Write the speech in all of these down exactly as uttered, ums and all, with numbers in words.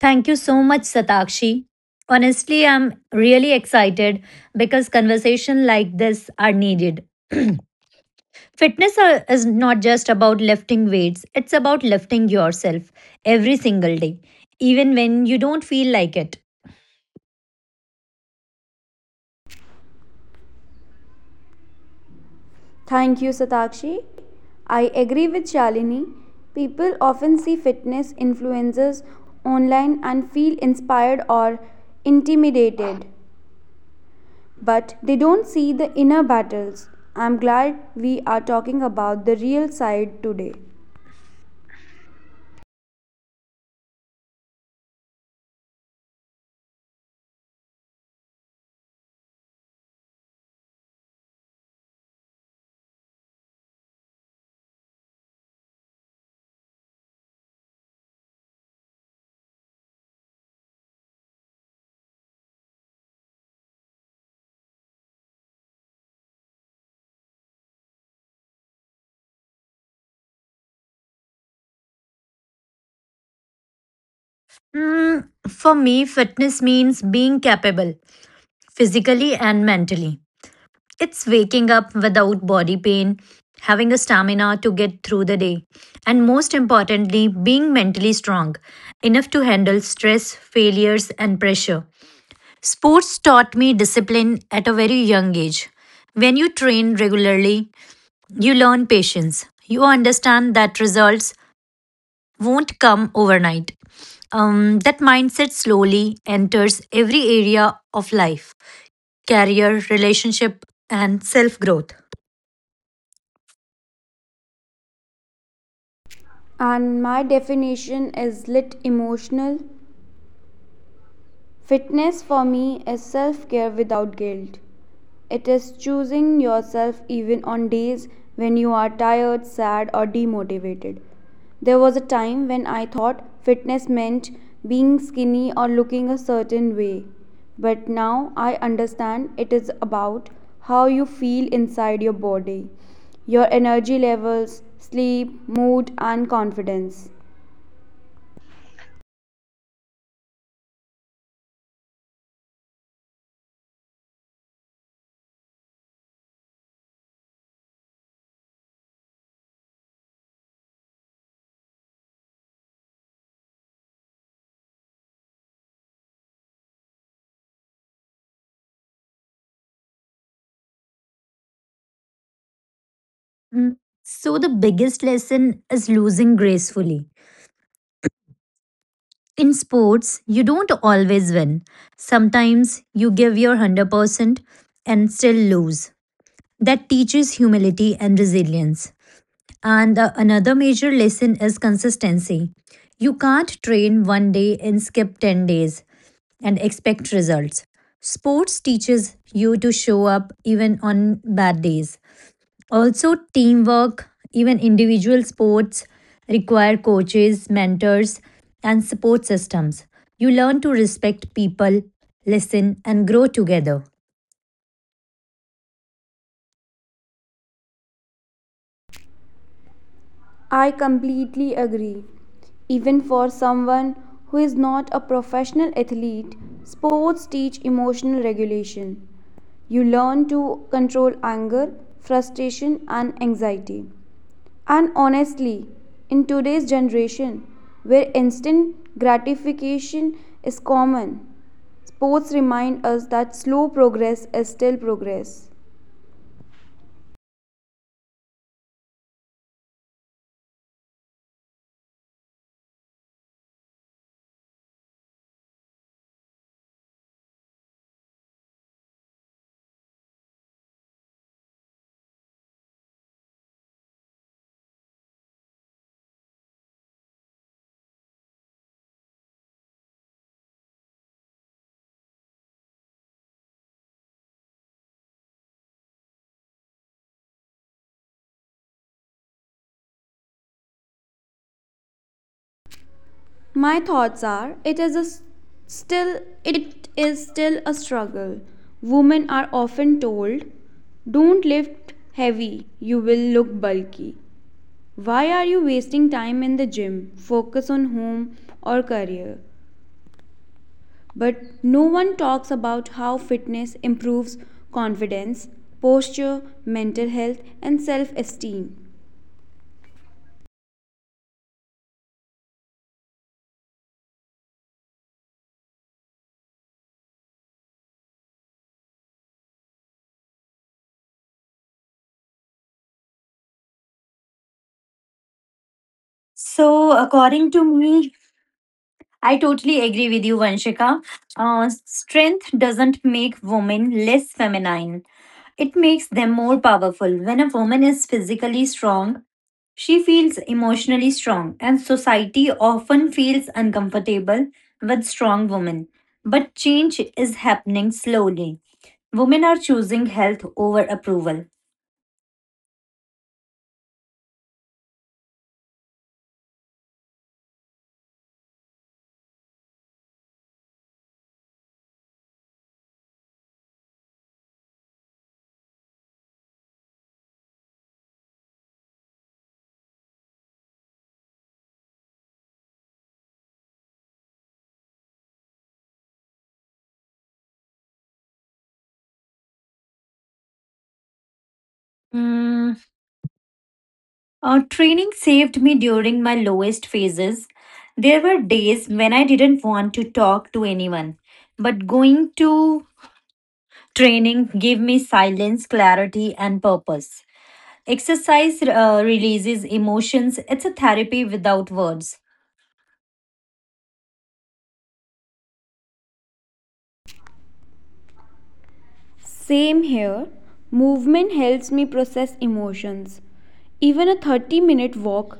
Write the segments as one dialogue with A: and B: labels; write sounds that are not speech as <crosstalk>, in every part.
A: Thank you so much, Satakshi. Honestly, I'm really excited because conversation like this are needed. <clears throat> Fitness are- is not just about lifting weights, it's about lifting yourself every single day, even when you don't feel like it.
B: Thank you, Satakshi. I agree with Shalini. People often see fitness influencers online and feel inspired or intimidated, but they don't see the inner battles. I'm glad we are talking about the real side today.
A: Mm, for me, fitness means being capable physically and mentally. It's waking up without body pain, having a stamina to get through the day, and most importantly, being mentally strong, enough to handle stress, failures, and pressure. Sports taught me discipline at a very young age. When you train regularly, you learn patience. You understand that results won't come overnight. Um, that mindset slowly enters every area of life career, relationship, and self growth.
B: And my definition is lit emotional. Fitness for me is self care without guilt. It is choosing yourself even on days when you are tired, sad, or demotivated. There was a time when I thought fitness meant being skinny or looking a certain way. But now I understand it is about how you feel inside your body, your energy levels, sleep, mood, and confidence.
A: Mm. So, the biggest lesson is losing gracefully. In sports, you don't always win. Sometimes you give your one hundred percent and still lose. That teaches humility and resilience. And the, another major lesson is consistency. You can't train one day and skip ten days and expect results. Sports teaches you to show up even on bad days. Also, teamwork, even individual sports, require coaches, mentors, and support systems. You learn to respect people, listen, and grow together.
B: I completely agree. Even for someone who is not a professional athlete, sports teach emotional regulation. You learn to control anger, frustration, and anxiety. And honestly, in today's generation, where instant gratification is common, sports remind us that slow progress is still progress. My thoughts are it is a s- still it is still a struggle. Women are often told, "Don't lift heavy, you will look bulky. Why are you wasting time in the gym? Focus on home or career." But no one talks about how fitness improves confidence, posture, mental health, and self esteem.
A: So, according to me, I totally agree with you, Vanshika. Uh, strength doesn't make women less feminine, it makes them more powerful. When a woman is physically strong, she feels emotionally strong, and society often feels uncomfortable with strong women. But change is happening slowly. Women are choosing health over approval. Hmm, Uh, training saved me during my lowest phases. There were days when I didn't want to talk to anyone, but going to training gave me silence, clarity, and purpose. Exercise uh, releases emotions, it's a therapy without words.
B: Same here, movement helps me process emotions. Even a thirty minute walk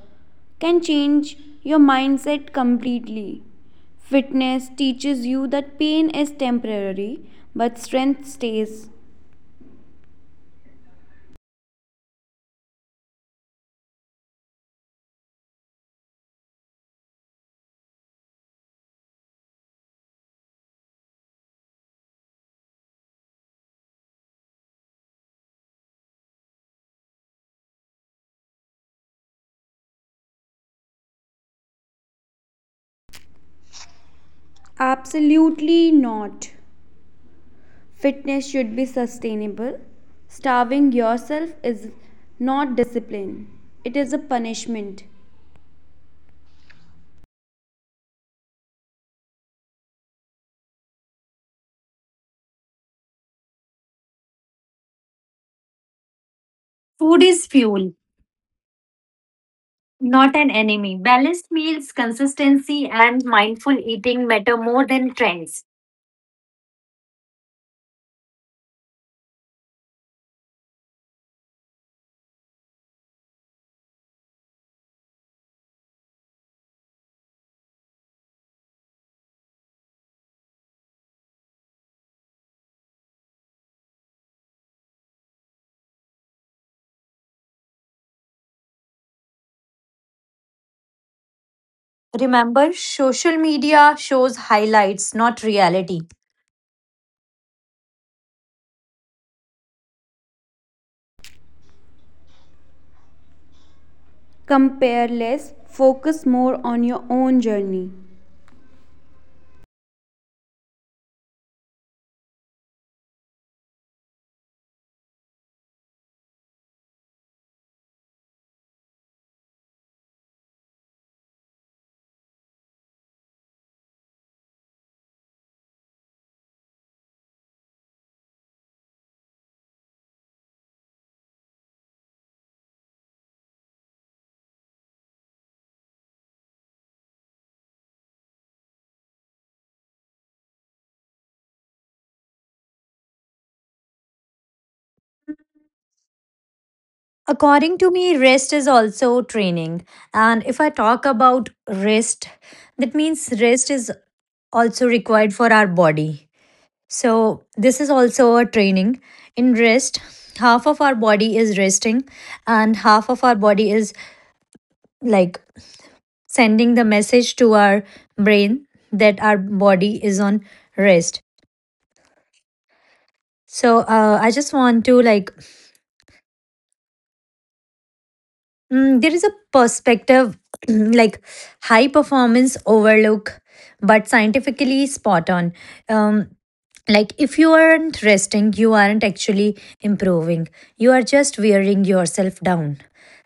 B: can change your mindset completely. Fitness teaches you that pain is temporary, but strength stays. Absolutely not. Fitness should be sustainable. Starving yourself is not discipline, it is a punishment.
A: Food is fuel, not an enemy. Balanced meals, consistency, and mindful eating matter more than trends. Remember, social media shows highlights, not reality.
B: Compare less, focus more on your own journey.
A: According to me, rest is also training, and if I talk about rest, that means rest is also required for our body, so this is also a training. In rest, half of our body is resting and half of our body is like sending the message to our brain that our body is on rest. So uh, I just want to like Mm, there is a perspective <clears throat> like high performance overlook, but scientifically spot on. Um, like if you aren't resting, you aren't actually improving. You are just wearing yourself down.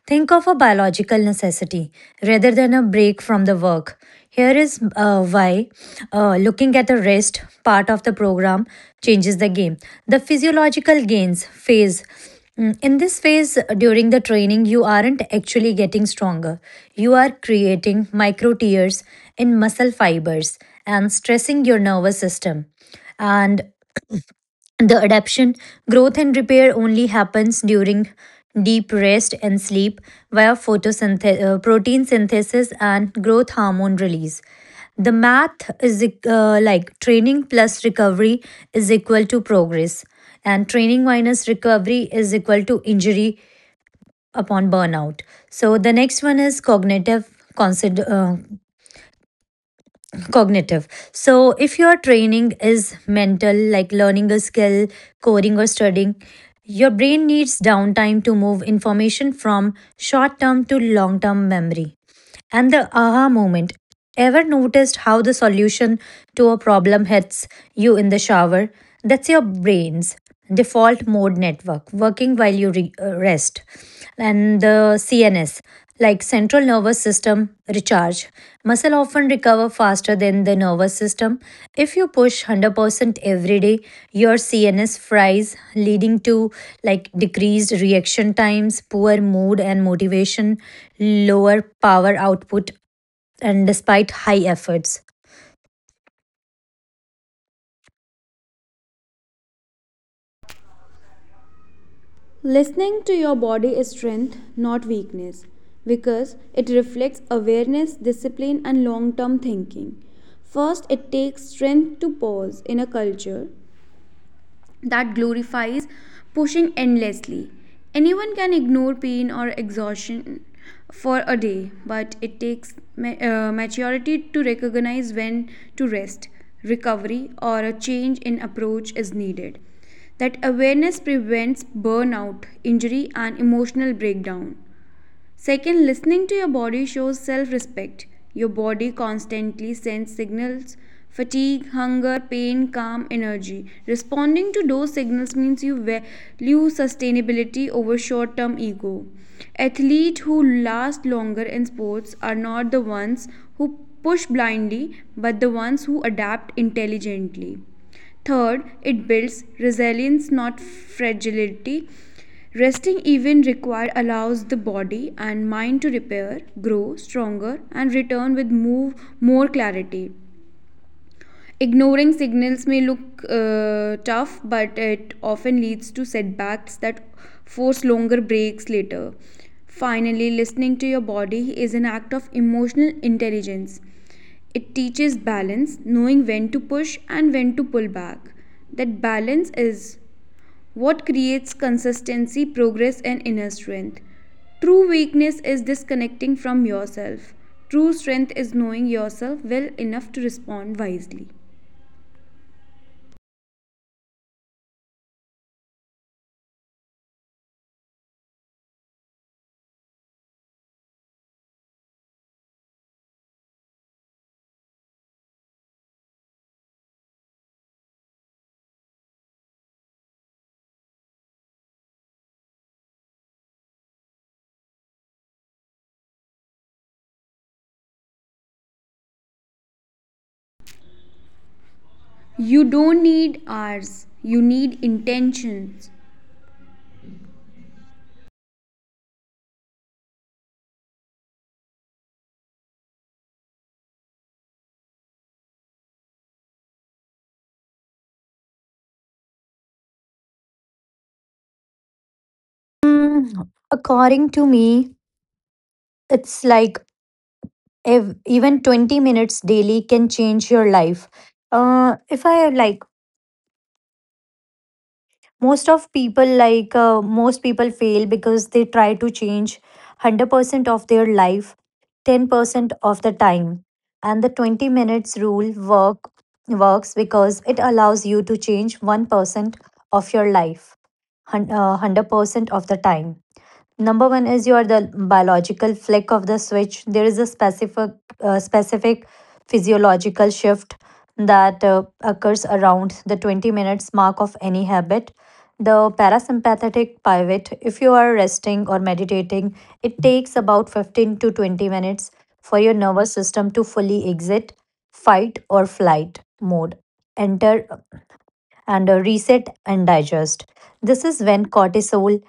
A: Think of a biological necessity rather than a break from the work. Here is uh, why uh, looking at the rest part of the program changes the game. The physiological gains phase. Mm, In this phase, uh, during the training, you aren't actually getting stronger. You are creating micro tears in muscle fibers and stressing your nervous system. And the adaptation, growth, and repair only happens during deep rest and sleep via photosynthesis, protein synthesis, and growth hormone release. The math is uh, like training plus recovery is equal to progress, and training minus recovery is equal to injury upon burnout. So the next one is cognitive consider, uh, cognitive. So if your training is mental, like learning a skill, coding or studying, your brain needs downtime to move information from short term to long term memory. And the aha moment, ever noticed how the solution to a problem hits you in the shower? That's your brain's default mode network working while you re- uh, rest. And the C N S, like central nervous system recharge. Muscle often recover faster than the nervous system. If you push one hundred percent every day, your C N S fries, leading to like decreased reaction times, poor mood and motivation, lower power output, and despite high efforts.
B: Listening to your body is strength, not weakness, because it reflects awareness, discipline, and long term thinking. First, it takes strength to pause in a culture that glorifies pushing endlessly. Anyone can ignore pain or exhaustion for a day, but it takes ma- uh, maturity to recognize when to rest, recovery, or a change in approach is needed. That awareness prevents burnout, injury, and emotional breakdown. Second, listening to your body shows self respect. Your body constantly sends signals fatigue, hunger, pain, calm, energy. Responding to those signals means you value sustainability over short term ego. Athletes who last longer in sports are not the ones who push blindly, but the ones who adapt intelligently. Third, it builds resilience, not fragility. Resting even required allows the body and mind to repair, grow stronger, and return with move more clarity. Ignoring signals may look uh, tough, but it often leads to setbacks that force longer breaks later. Finally, listening to your body is an act of emotional intelligence. It teaches balance, knowing when to push and when to pull back. That balance is what creates consistency, progress, and inner strength. True weakness is disconnecting from yourself. True strength is knowing yourself well enough to respond wisely. You don't need hours, you need intentions.
A: Hmm, according to me, it's like ev- even twenty minutes daily can change your life. Uh, if I like most of people like uh, most people fail because they try to change one hundred percent of their life ten percent of the time. And the twenty minutes rule work works because it allows you to change one percent of your life hun- uh, one hundred percent of the time. Number one is you are the biological flick of the switch. There is a specific uh, specific physiological shift that uh, occurs around the twenty minutes mark of any habit. The parasympathetic pivot, if you are resting or meditating, it takes about fifteen to twenty minutes for your nervous system to fully exit fight or flight mode enter and a reset and digest. This is when cortisol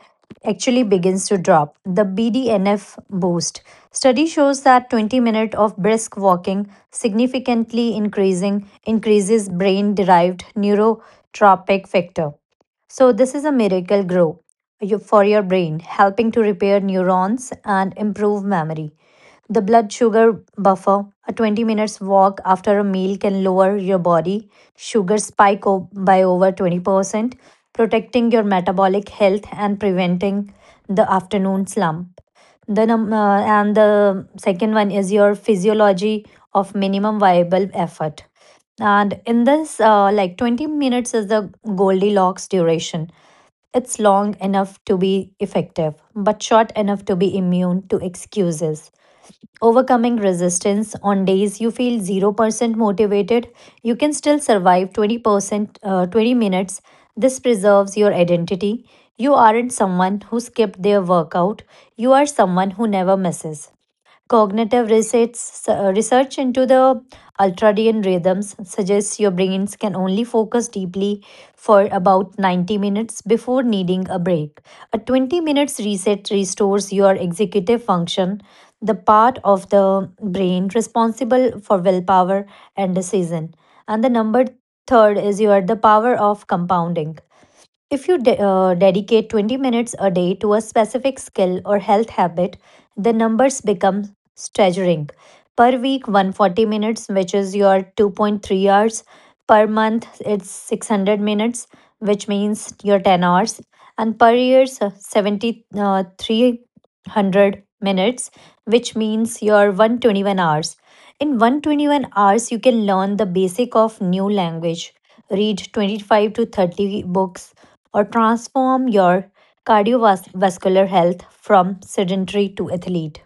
A: actually begins to drop, the B D N F boost. Study shows that twenty minutes of brisk walking significantly increasing increases brain derived neurotropic factor. So, this is a miracle grow you- for your brain, helping to repair neurons and improve memory. The blood sugar buffer, a twenty minutes walk after a meal can lower your body sugar spike o- by over twenty percent, protecting your metabolic health and preventing the afternoon slump. The num- uh, and the second one is your physiology of minimum viable effort. And in this, uh, like twenty minutes is the Goldilocks duration. It's long enough to be effective, but short enough to be immune to excuses. Overcoming resistance on days you feel zero percent motivated, you can still survive twenty percent, uh, twenty minutes. This preserves your identity. You aren't someone who skipped their workout, you are someone who never misses. Cognitive research, research into the ultradian rhythms suggests your brains can only focus deeply for about ninety minutes before needing a break. A twenty minutes reset restores your executive function, the part of the brain responsible for willpower and decision. And the number third is you are the power of compounding. If you de- uh, dedicate twenty minutes a day to a specific skill or health habit, the numbers become staggering. Per week, one hundred forty minutes, which is your two point three hours. Per month, it's six hundred minutes, which means your ten hours. And per year, seven thousand three hundred minutes, which means your one hundred twenty-one hours. In one hundred twenty-one hours, you can learn the basic of new language, read twenty-five to thirty books or transform your cardiovascular health from sedentary to athlete.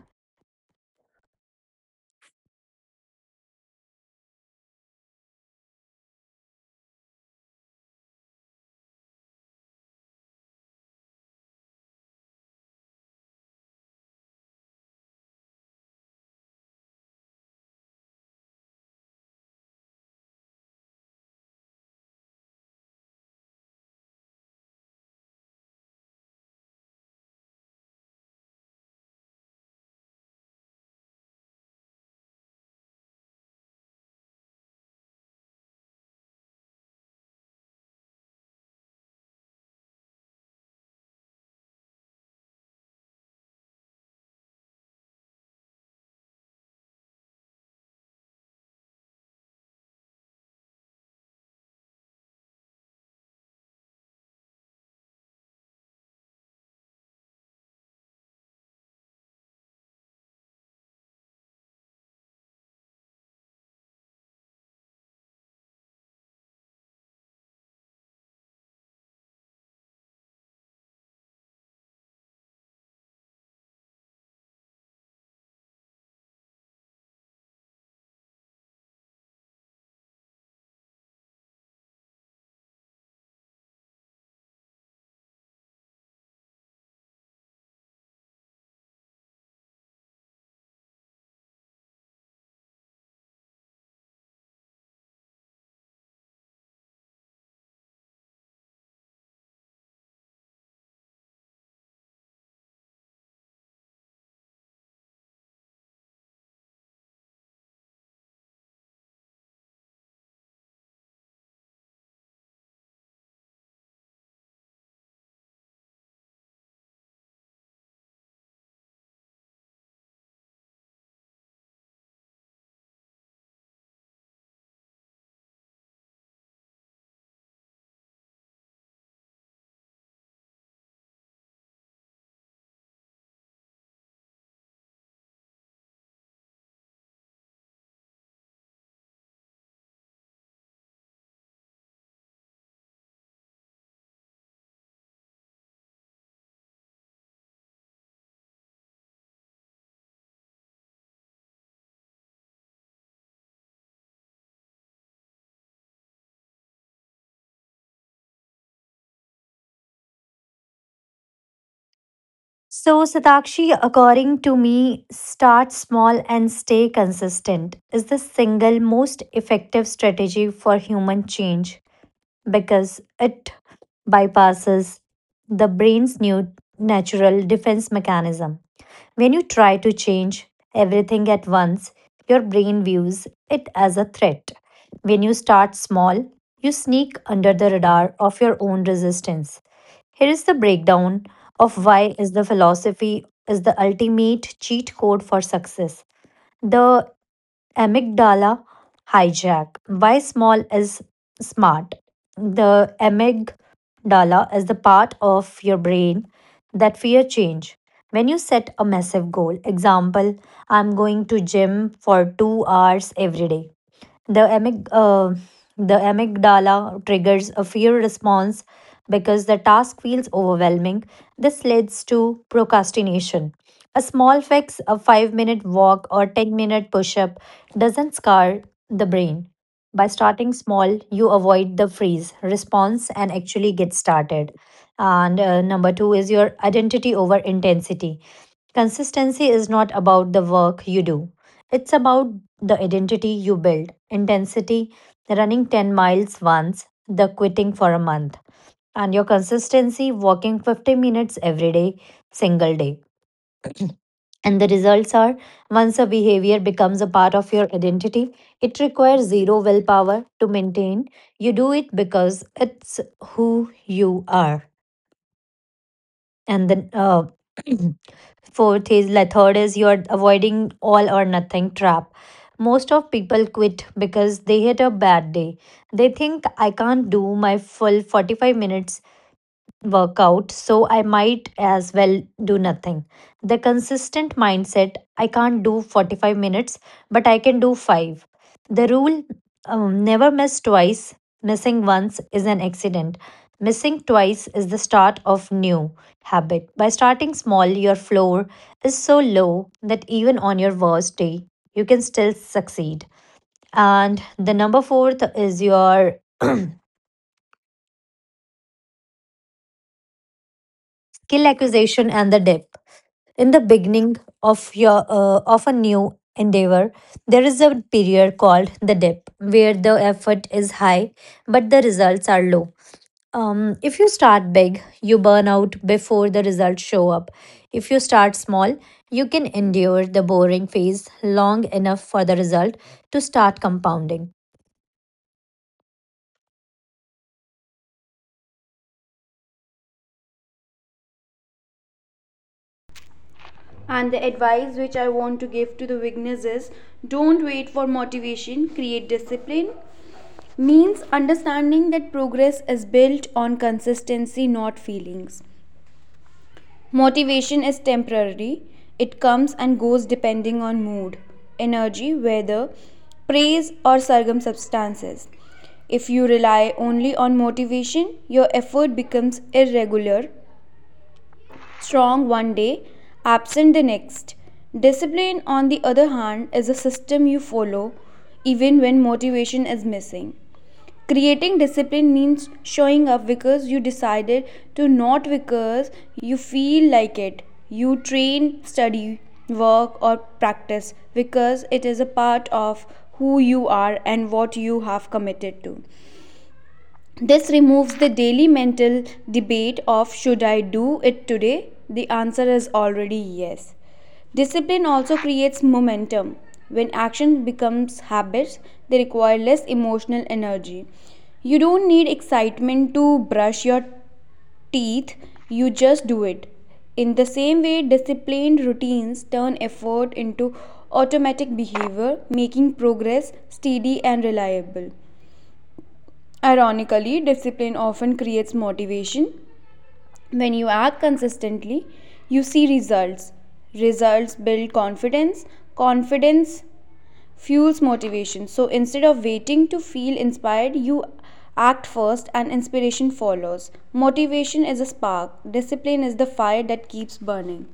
A: So, Satakshi, according to me, start small and stay consistent is the single most effective strategy for human change because it bypasses the brain's new natural defense mechanism. When you try to change everything at once, your brain views it as a threat. When you start small, you sneak under the radar of your own resistance. Here is the breakdown of why is the philosophy is the ultimate cheat code for success. The amygdala hijack. Why small is smart? The amygdala is the part of your brain that fear change. When you set a massive goal, example, I'm going to gym for two hours every day. The, amyg- uh, the amygdala triggers a fear response because the task feels overwhelming. This leads to procrastination. A small fix, a five minute walk or ten minute push up, doesn't scar the brain. By starting small, you avoid the freeze response and actually get started. And uh, number two is your identity over intensity. Consistency is not about the work you do, it's about the identity you build. Intensity, running ten miles once, the quitting for a month, and your consistency, walking fifty minutes every day, single day. And the results are once a behavior becomes a part of your identity, it requires zero willpower to maintain. You do it because it's who you are. And then, uh, <clears throat> Fourth is like third is you're avoiding all or nothing trap. Most of people quit because they hit a bad day. They think I can't do my full forty-five minutes work out, so I might as well do nothing. The consistent mindset I can't do forty-five minutes, but I can do five. The rule um, never miss twice, missing once is an accident. Missing twice is the start of new habit. By starting small, your floor is so low that even on your worst day, you can still succeed. And the number fourth is your skill acquisition and the depth. In the beginning of your uh, of a new endeavor, there is a period called the dip, where the effort is high but the results are low. Um, if you start big, you burn out before the results show up. If you start small, you can endure the boring phase long enough for the result to start compounding.
B: And the advice which I want to give to the weakness is don't wait for motivation, create discipline means understanding that progress is built on consistency, not feelings. Motivation is temporary, it comes and goes depending on mood, energy, weather, praise, or circumstances. If you rely only on motivation, your effort becomes irregular, strong one day, absent the next. Discipline, on the other hand, is a system you follow even when motivation is missing. Creating discipline means showing up because you decided to, not because you feel like it. You train, study, work, or practice because it is a part of who you are and what you have committed to. This removes the daily mental debate of should I do it today. The answer is already yes. Discipline also creates momentum. When action becomes habits, they require less emotional energy. You don't need excitement to brush your teeth, you just do it. In the same way, disciplined routines turn effort into automatic behavior, making progress steady and reliable. Ironically, discipline often creates motivation. When you act consistently, you see results. Results build confidence. Confidence fuels motivation. So instead of waiting to feel inspired, you act first and inspiration follows. Motivation is a spark, discipline is the fire that keeps burning.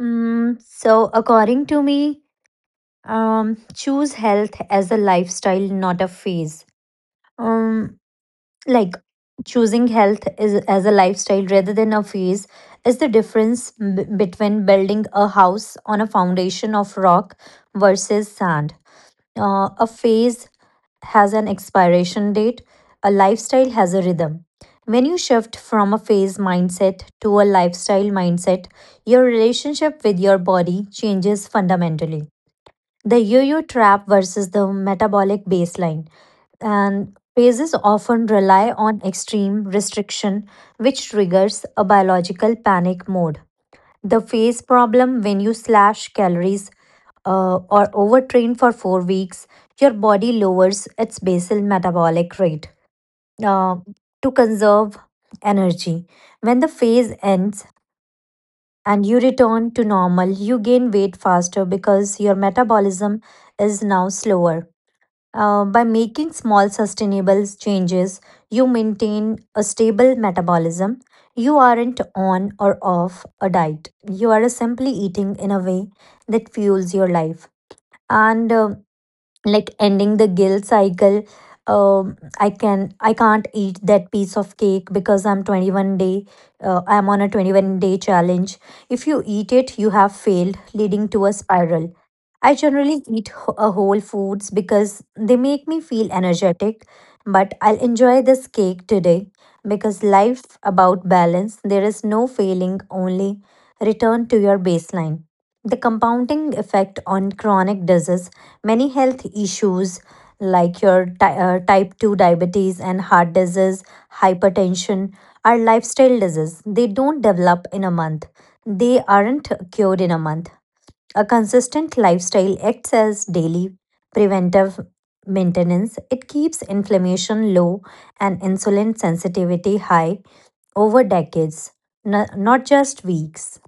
A: Mm, so, according to me, um, choose health as a lifestyle, not a phase. Um, like choosing health is as a lifestyle rather than a phase is the difference b- between building a house on a foundation of rock versus sand. Uh, a phase has an expiration date, a lifestyle has a rhythm. When you shift from a phase mindset to a lifestyle mindset, your relationship with your body changes fundamentally. The yo-yo trap versus the metabolic baseline, and phases often rely on extreme restriction which triggers a biological panic mode. The phase problem: when you slash calories uh, or overtrain for four weeks, your body lowers its basal metabolic rate uh, to conserve energy. When the phase ends and you return to normal, you gain weight faster because your metabolism is now slower. Uh, by making small sustainable changes, you maintain a stable metabolism. You aren't on or off a diet. You are simply eating in a way that fuels your life. And uh, like ending the guilt cycle, um, I can I can't eat that piece of cake because I'm twenty-one day. Uh, I'm on a twenty-one day challenge. If you eat it, you have failed, leading to a spiral. I generally eat wh- a whole foods because they make me feel energetic, but I'll enjoy this cake today because life about balance. There is no failing, only return to your baseline. The compounding effect on chronic disease: many health issues like your ty- uh, type two diabetes and heart disease, hypertension are lifestyle diseases. They don't develop in a month. They aren't cured in a month. A consistent lifestyle acts as daily preventive maintenance. It keeps inflammation low and insulin sensitivity high over decades, no- not just weeks.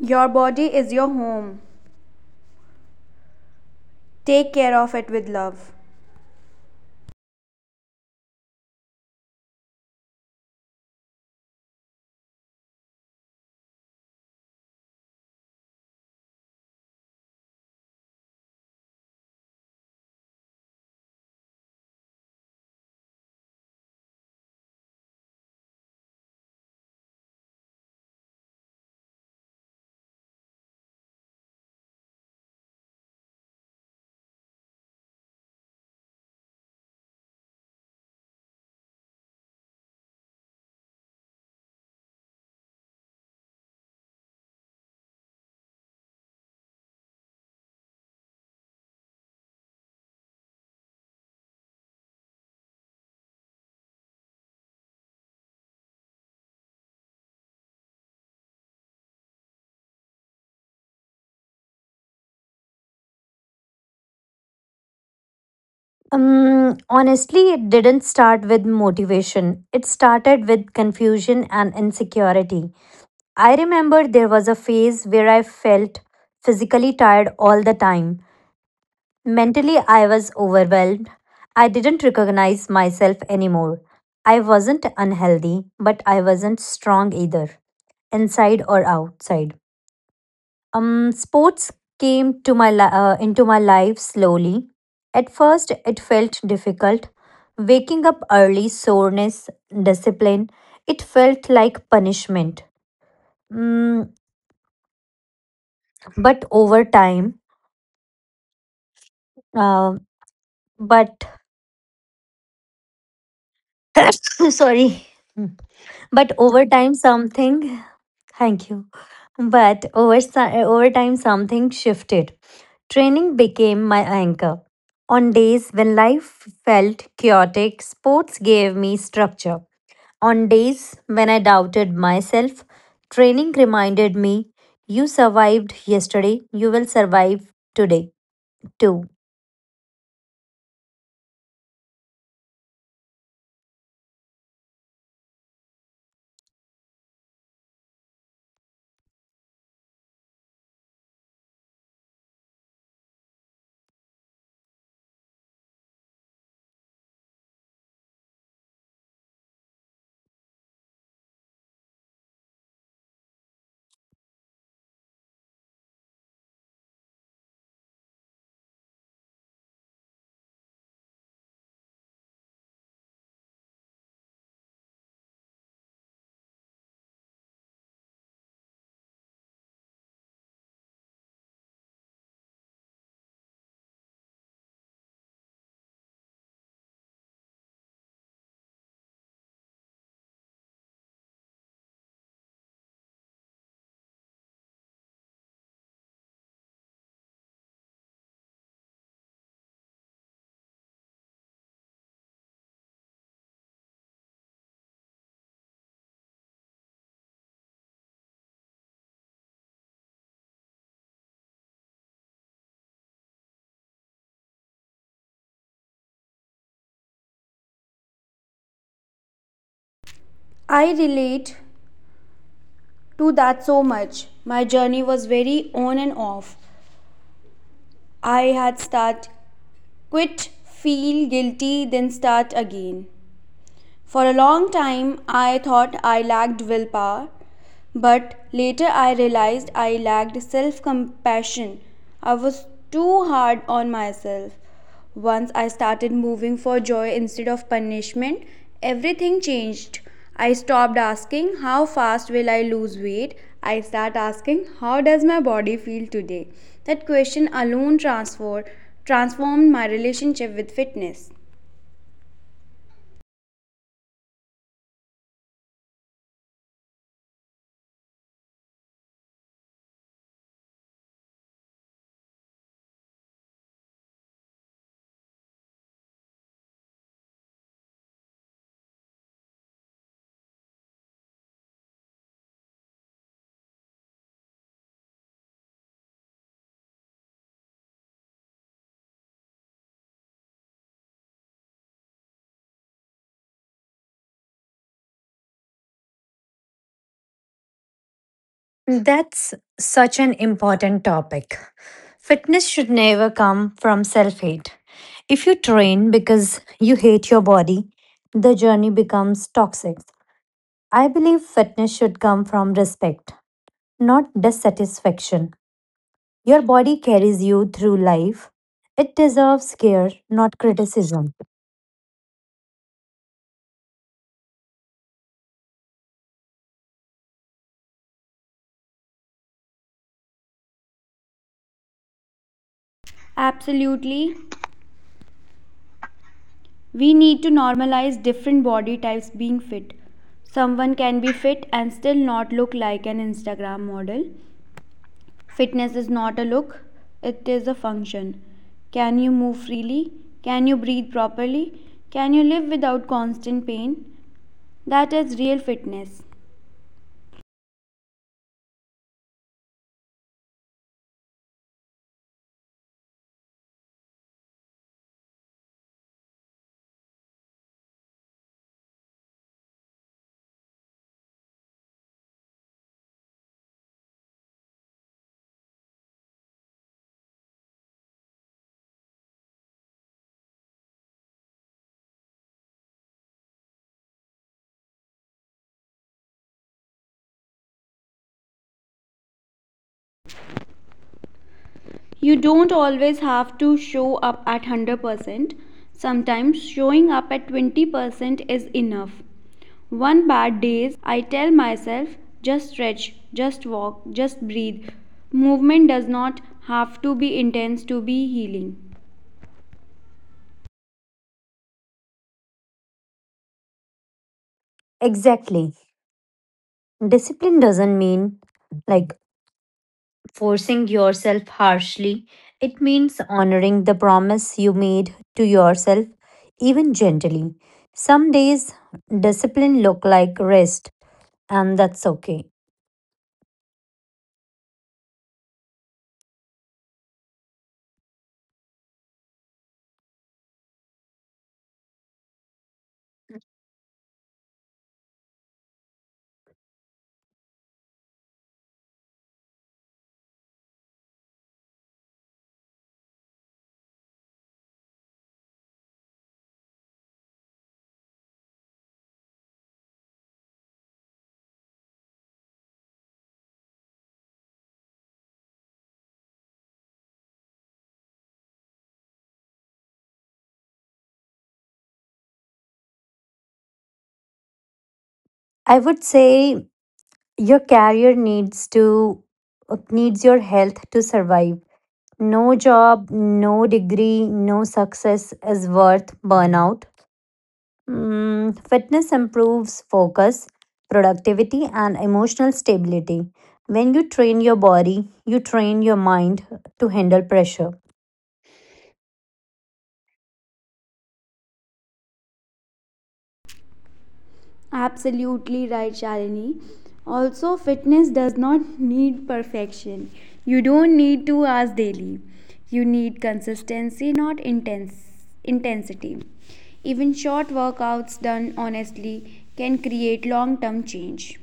B: Your body is your home, take care of it with love.
A: Um, honestly, it didn't start with motivation, it started with confusion and insecurity. I remember there was a phase where I felt physically tired all the time. Mentally, I was overwhelmed. I didn't recognize myself anymore. I wasn't unhealthy, but I wasn't strong either, inside or outside. Um, sports came to my li- uh, into my life slowly. At first, it felt difficult. Waking up early, soreness, discipline, it felt like punishment. Mm, but over time, uh, but <coughs> sorry. But over time, something, thank you. But over, si- over time, something shifted. Training became my anchor. On days when life felt chaotic, sports gave me structure. On days when I doubted myself, training reminded me you survived yesterday, you will survive today too.
B: I relate to that so much. My journey was very on and off. I had start, quit, feel guilty, then start again. For a long time, I thought I lacked willpower, but later I realized I lacked self compassion. I was too hard on myself. Once I started moving for joy instead of punishment, everything changed. I stopped asking, "How fast will I lose weight?" I start asking, "How does my body feel today?" That question alone transformed transformed my relationship with fitness.
A: That's such an important topic. Fitness should never come from self hate. If you train because you hate your body, the journey becomes toxic. I believe fitness should come from respect, not dissatisfaction. Your body carries you through life. It deserves care, not criticism.
B: Absolutely, we need to normalize different body types being fit. Someone can be fit and still not look like an Instagram model. Fitness is not a look, it is a function. Can you move freely? Can you breathe properly? Can you live without constant pain? That is real fitness. You don't always have to show up at one hundred percent. Sometimes showing up at twenty percent is enough. One bad days, I tell myself just stretch, just walk, just breathe. Movement does not have to be intense to be healing.
A: Exactly. Discipline doesn't mean like forcing yourself harshly. It means honoring the promise you made to yourself, even gently. Some days, discipline look like rest, and that's okay. I would say your career needs to needs your health to survive. No job, no degree, no success is worth burnout. Mm, fitness improves focus, productivity, and emotional stability. When you train your body, you train your mind to handle pressure.
B: Absolutely right, Shalini. Also, fitness does not need perfection. You don't need two hours daily. You need consistency, not intense intensity. Even short workouts done honestly can create long-term change.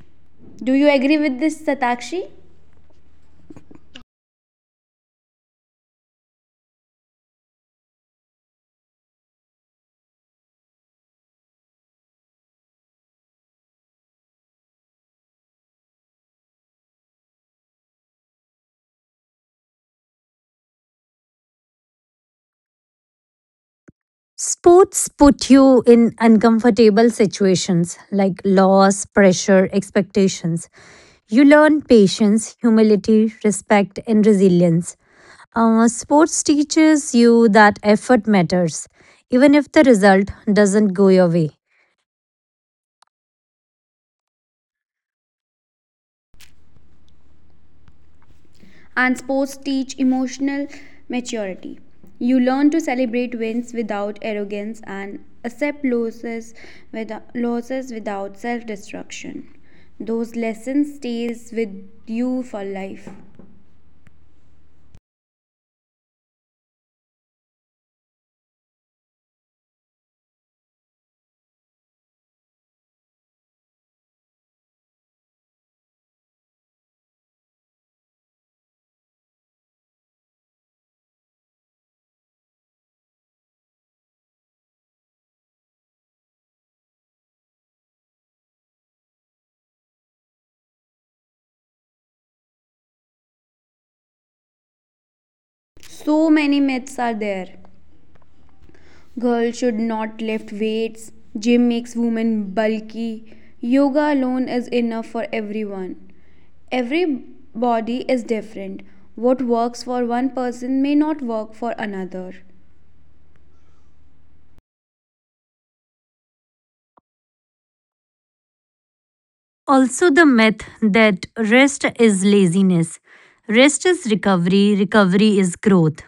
B: Do you agree with this, Satakshi?
A: Sports put you in uncomfortable situations like loss, pressure, expectations. You learn patience, humility, respect, and resilience. Uh, sports teaches you that effort matters, even if the result doesn't go your way.
B: And sports teach emotional maturity. You learn to celebrate wins without arrogance and accept losses without, losses without self-destruction. Those lessons stays with you for life. So many myths are there. Girls should not lift weights. Gym makes women bulky. Yoga alone is enough for everyone. Every body is different. What works for one person may not work for another.
A: Also, the myth that rest is laziness. Rest is recovery, recovery is growth.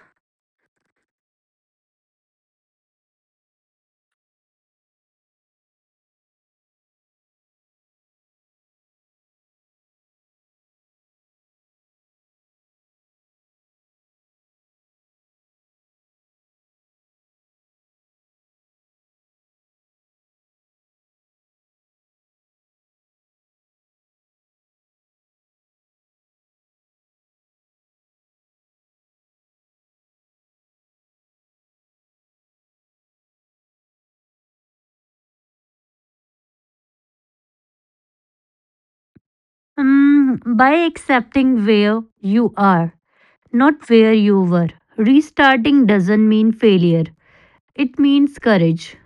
A: Mm, by accepting where you are, not where you were, restarting doesn't mean failure, it means courage.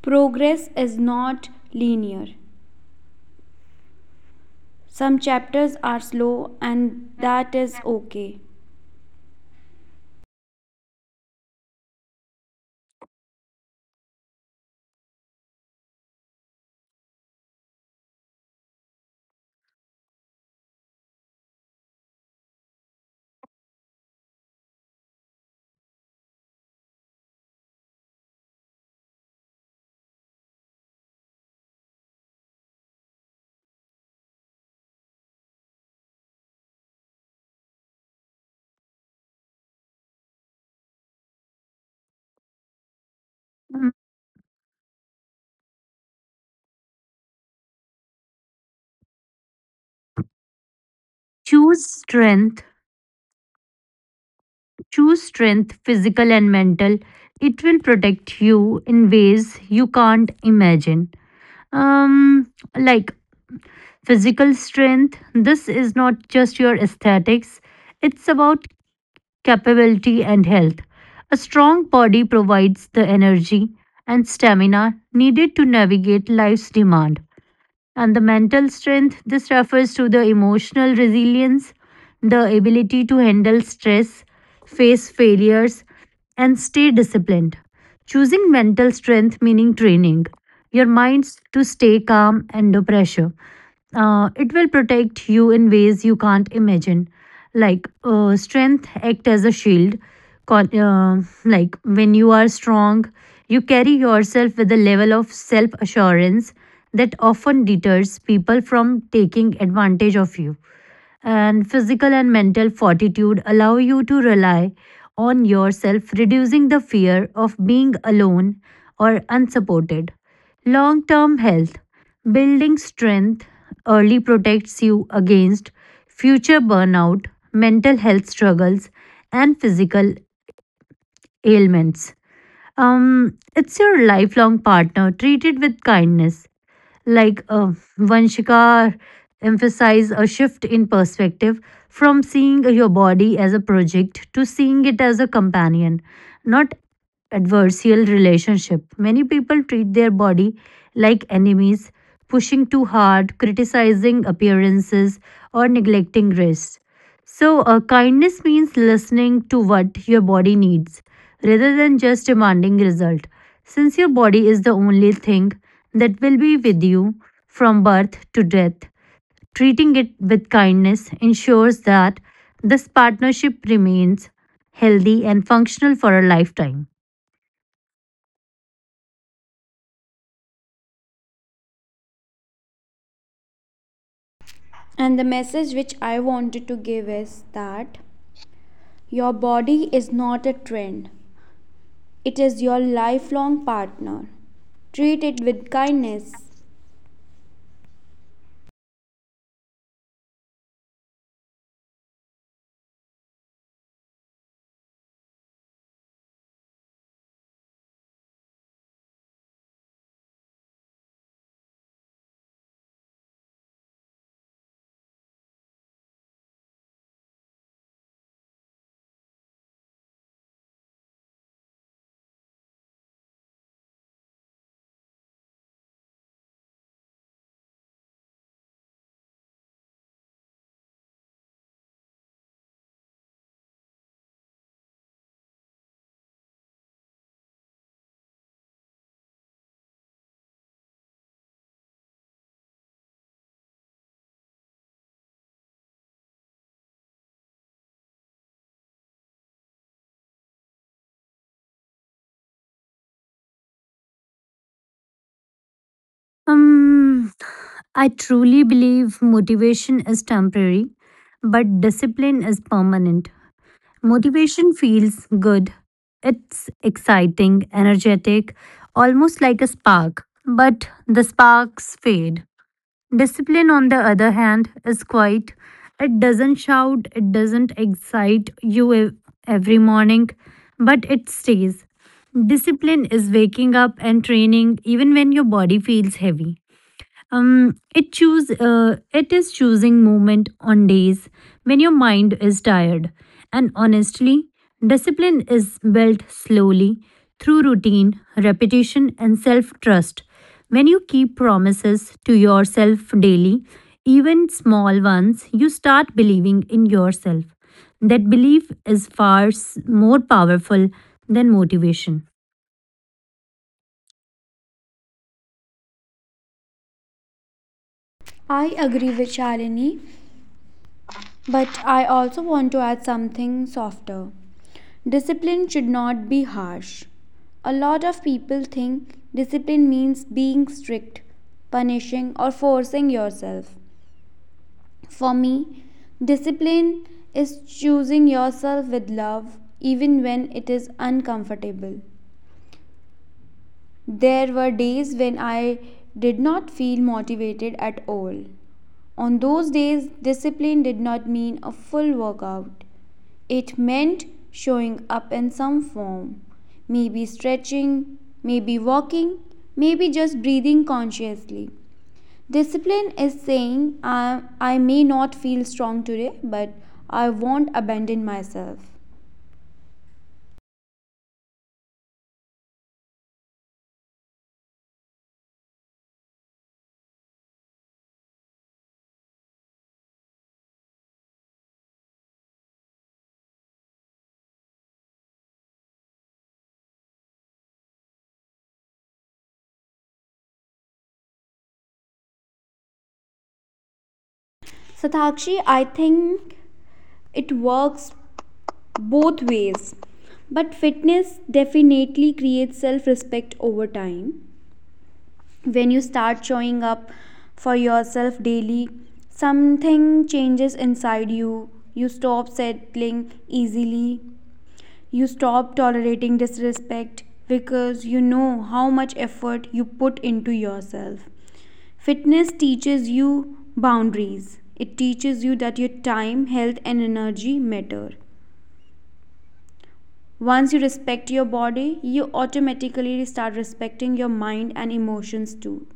B: Progress is not linear. Some chapters are slow, and that is okay.
A: Mm, Choose strength, choose strength, physical and mental. It will protect you in ways you can't imagine. Um, like physical strength, this is not just your aesthetics, it's about capability and health. A strong body provides the energy and stamina needed to navigate life's demand. And the mental strength, this refers to the emotional resilience, the ability to handle stress, face failures, and stay disciplined. Choosing mental strength meaning training your minds to stay calm under pressure. Uh, it will protect you in ways you can't imagine. Like uh, strength act as a shield. Con- uh, like when you are strong, you carry yourself with a level of self assurance that often deters people from taking advantage of you, and physical and mental fortitude allow you to rely on yourself, reducing the fear of being alone or unsupported. Long term health: building strength early protects you against future burnout, mental health struggles, and physical ailments. Um, it's your lifelong partner, treat it with kindness. Like uh, Vanshika emphasize a shift in perspective from seeing your body as a project to seeing it as a companion, not adversarial relationship. Many people treat their body like enemies, pushing too hard, criticizing appearances, or neglecting rest. So, uh, kindness means listening to what your body needs rather than just demanding result. Since your body is the only thing that will be with you from birth to death, treating it with kindness ensures that this partnership remains healthy and functional for a lifetime.
B: And the message which I wanted to give is that your body is not a trend, it is your lifelong partner. Treat it with kindness.
A: Um, I truly believe motivation is temporary, but discipline is permanent. Motivation feels good. It's exciting, energetic, almost like a spark. But the sparks fade. Discipline, on the other hand, is quiet. It doesn't shout, it doesn't excite you ev- every morning, but it stays. Discipline is waking up and training even when your body feels heavy, um it choose uh, it is choosing movement on days when your mind is tired. And honestly, discipline is built slowly through routine, repetition, and self trust. When you keep promises to yourself daily, even small ones, you start believing in yourself. That belief is far s- more powerful than motivation.
B: I agree with Shalini, but I also want to add something softer. Discipline should not be harsh. A lot of people think discipline means being strict, punishing, or forcing yourself. For me, discipline is choosing yourself with love even when it is uncomfortable. There were days when I did not feel motivated at all. On those days, discipline did not mean a full workout. It meant showing up in some form. Maybe stretching, maybe walking, maybe just breathing consciously. Discipline is saying, I, I may not feel strong today, but I won't abandon myself. Satakshi, I think it works both ways. But fitness definitely creates self respect over time. When you start showing up for yourself daily, something changes inside you. You stop settling easily. You stop tolerating disrespect because you know how much effort you put into yourself. Fitness teaches you boundaries, it teaches you that your time, health, and energy matter. Once you respect your body, you automatically start respecting your mind and emotions too.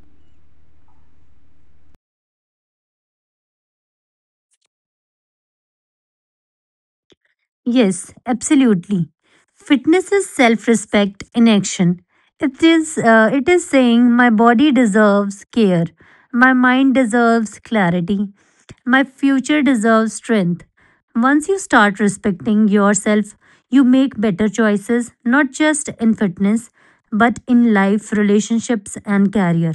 A: Yes, absolutely. Fitness is self-respect in action. It is uh, it is saying my body deserves care, my mind deserves clarity, my future deserves strength. Once you start respecting yourself, you make better choices not just in fitness but in life, relationships and career.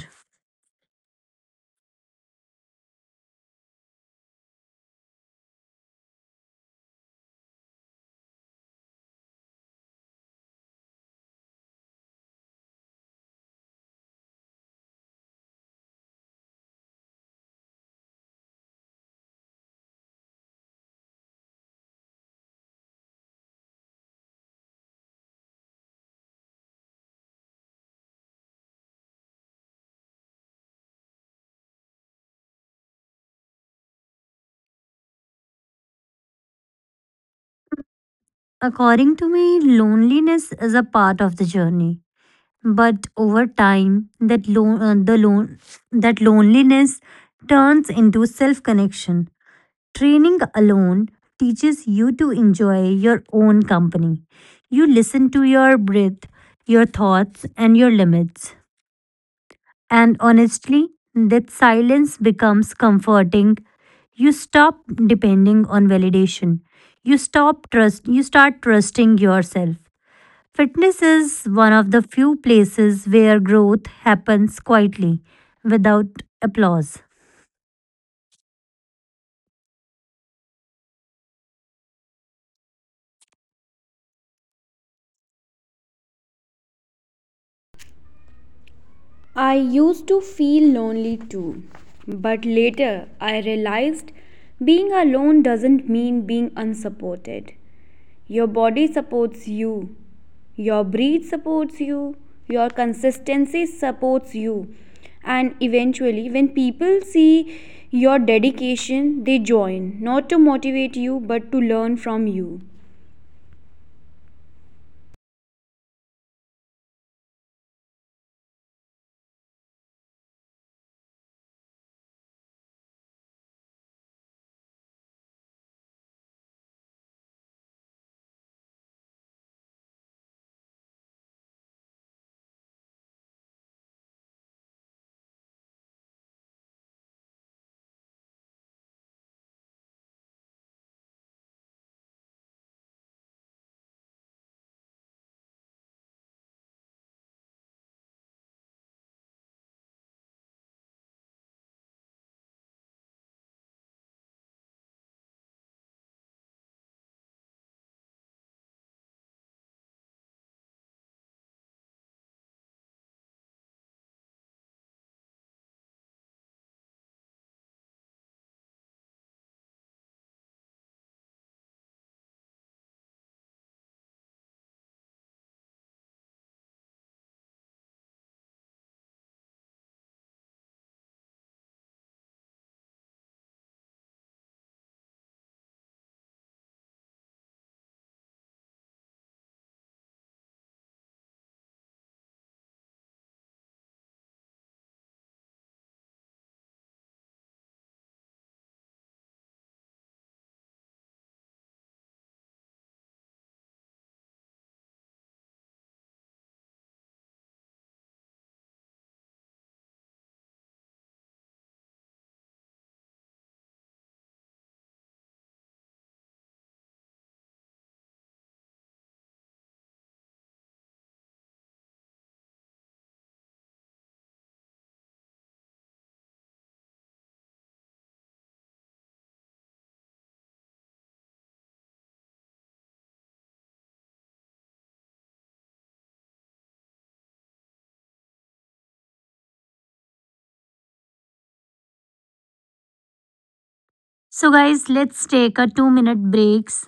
A: According to me, loneliness is a part of the journey. But over time, that lon- uh, the lon- that loneliness turns into self connection. Training alone teaches you to enjoy your own company. You listen to your breath, your thoughts, and your limits. And honestly, that silence becomes comforting. You stop depending on validation. You stop trust. You start trusting yourself. Fitness is one of the few places where growth happens quietly without applause.
B: I used to feel lonely too, but later I realized being alone doesn't mean being unsupported. Your body supports you, your breath supports you, your consistency supports you, and eventually, when people see your dedication, they join not to motivate you but to learn from you.
A: So, guys, let's take a two minute breaks.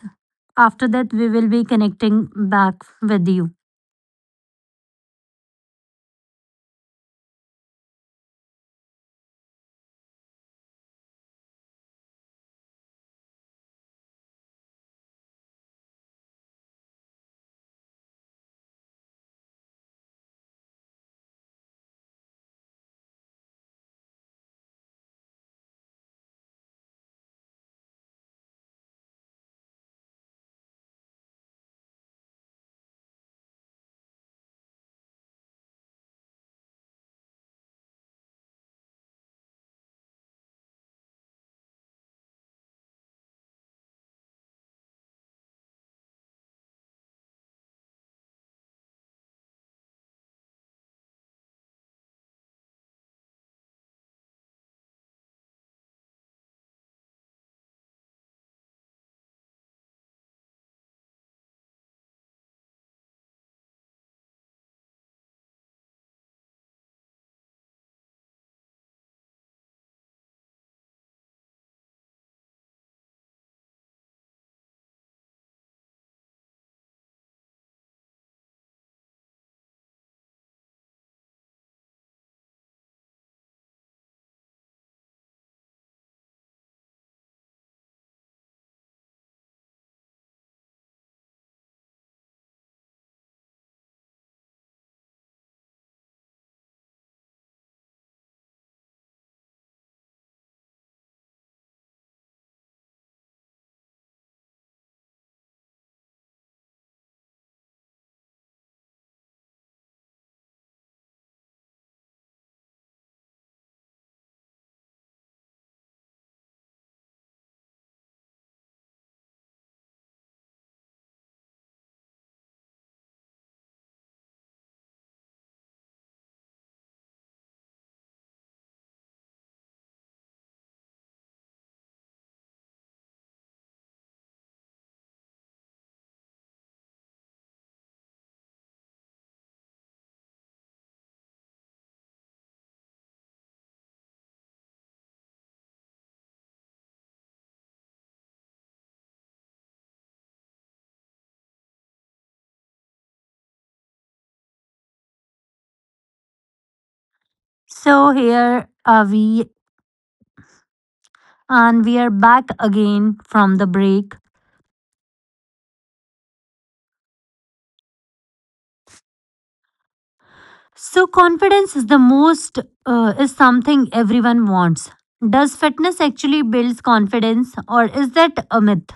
A: After that, we will be connecting back with you. So, here are we, and we are back again from the break. So, confidence is the most, uh, is something everyone wants. Does fitness actually builds confidence, or is that a myth?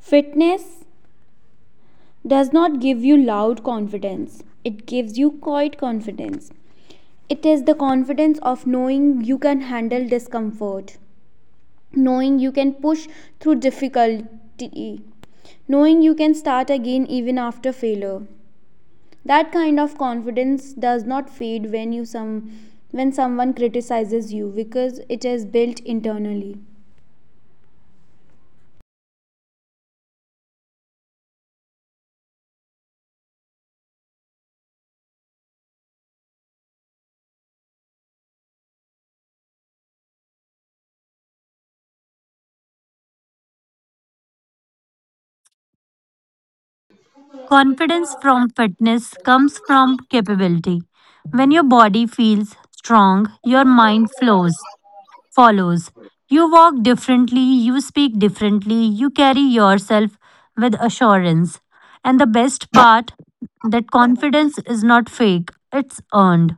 B: Fitness does not give you loud confidence, it gives you quiet confidence. It is the confidence of knowing you can handle discomfort, knowing you can push through difficulty, knowing you can start again even after failure. That kind of confidence does not fade when you some when someone criticizes you, because it is built internally.
A: Confidence from fitness comes from capability. When your body feels strong, your mind flows, follows. You walk differently, you speak differently, you carry yourself with assurance. And the best part, that confidence is not fake, it's earned.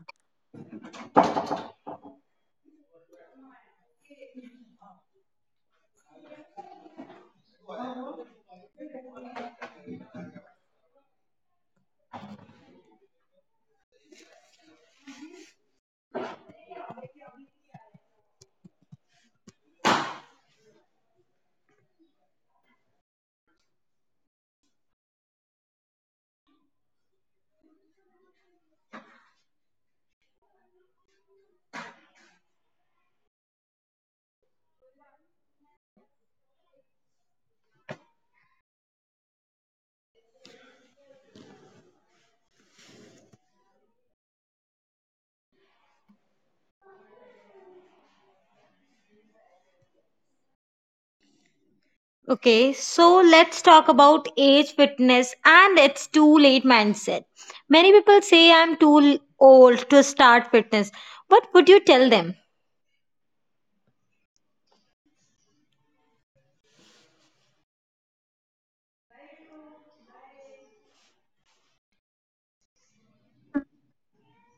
C: Okay, so let's talk about age, fitness, and it's too late mindset. Many people say I'm too l- old to start fitness. What would you tell them?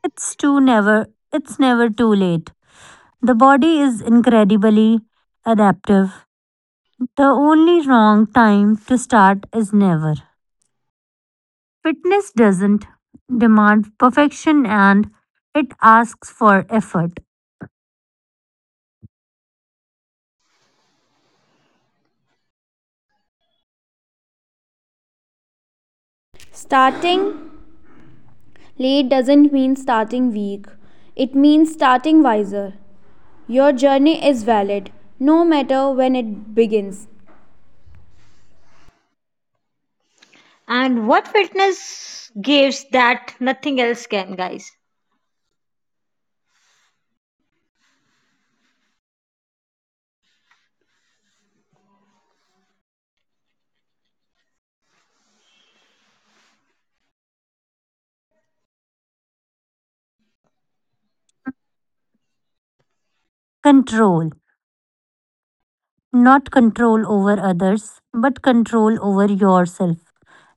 A: It's too never it's never too late. The body is incredibly adaptive. The only wrong time to start is never. Fitness doesn't demand perfection and it asks for effort,
B: Starting late doesn't mean starting weak. It means starting wiser. Your journey is valid, no matter when it begins.
C: And what fitness gives that nothing else can, guys?
A: control, not control over others, but control over yourself.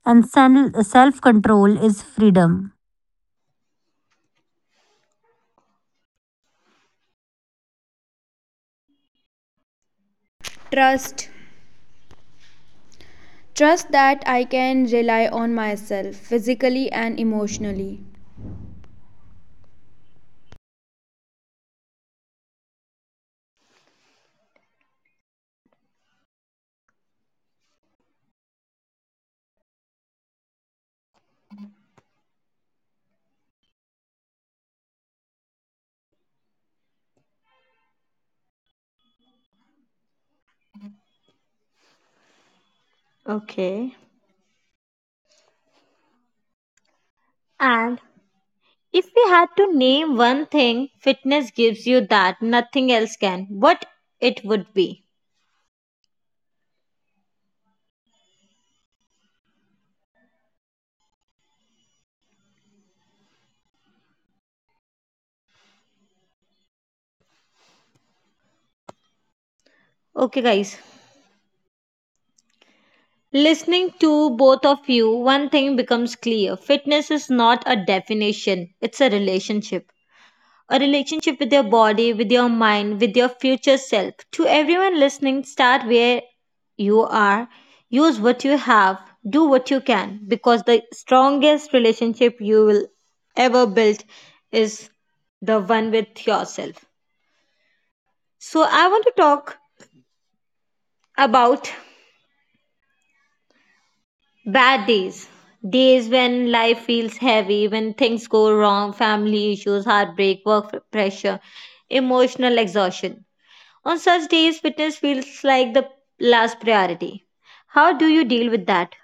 A: And self control is freedom.
B: Trust. Trust that I can rely on myself physically and emotionally.
C: Okay. And if we had to name one thing fitness gives you that nothing else can, what it would be? Okay, guys. Listening to both of you, one thing becomes clear fitness is not a definition, it's a relationship. A relationship with your body, with your mind, with your future self. To everyone listening, start where you are, use what you have, do what you can, because the strongest relationship you will ever build is the one with yourself. So, I want to talk about bad days. Days when life feels heavy, when things go wrong, family issues, heartbreak, work pressure, emotional exhaustion. On such days, fitness feels like the last priority. How do you deal with that?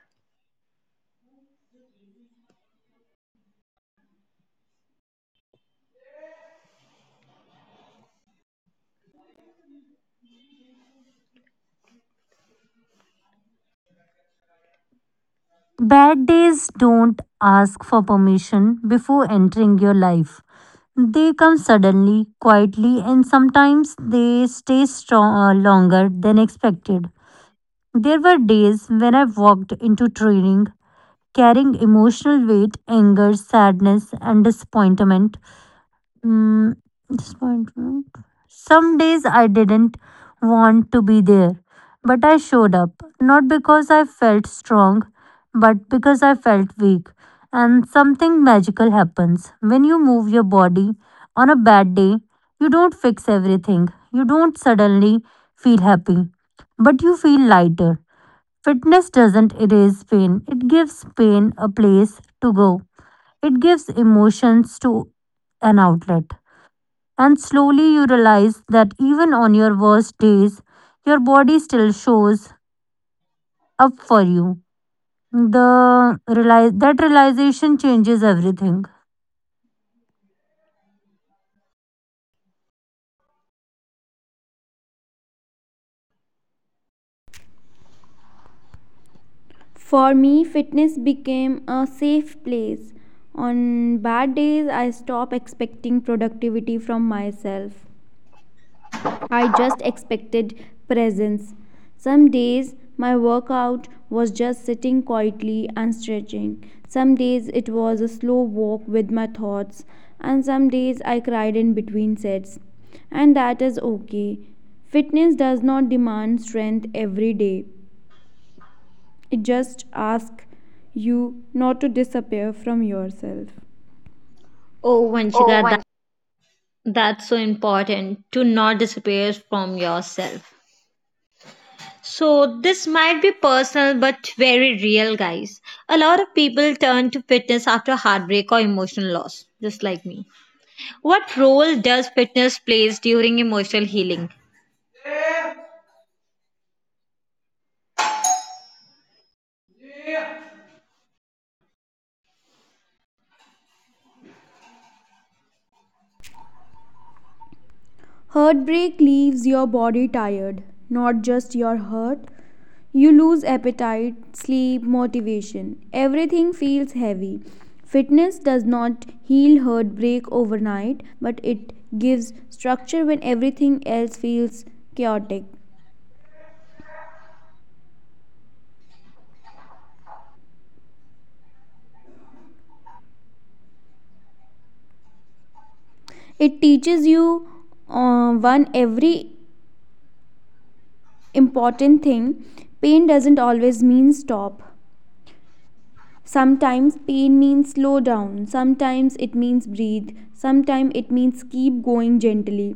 A: Bad days don't ask for permission before entering your life. They come suddenly, quietly, and sometimes they stay strong, uh, longer than expected. There were days when I walked into training carrying emotional weight, anger, sadness, and disappointment. Mm, Disappointment. Some days I didn't want to be there, but I showed up, not because I felt strong, but because I felt weak. And something magical happens when you move your body on a bad day. You don't fix everything, you don't suddenly feel happy, but you feel lighter. Fitness doesn't erase pain, it gives pain a place to go. It gives emotions to an outlet. And slowly you realize that even on your worst days, your body still shows up for you. The realize that realization changes everything.
B: For me, fitness became a safe place. On bad days, I stop expecting productivity from myself. I just expected presence. Some days my workout was just sitting quietly and stretching. Some days it was a slow walk with my thoughts, and some days I cried in between sets. And that is okay. Fitness does not demand strength every day, it just asks you not to disappear from yourself.
C: Oh,
B: Oh,
C: Vanshika, that, that's so important to not disappear from yourself. So, this might be personal but very real, guys. A lot of people turn to fitness after heartbreak or emotional loss, just like me. What role does fitness plays during emotional healing?
B: heartbreak leaves your body tired, not just your heart. You lose appetite, sleep, motivation. Everything feels heavy. Fitness does not heal heartbreak overnight, but it gives structure when everything else feels chaotic. It teaches you uh, one every important thing. Pain doesn't always mean stop. Sometimes pain means slow down, sometimes it means breathe, sometimes it means keep going gently.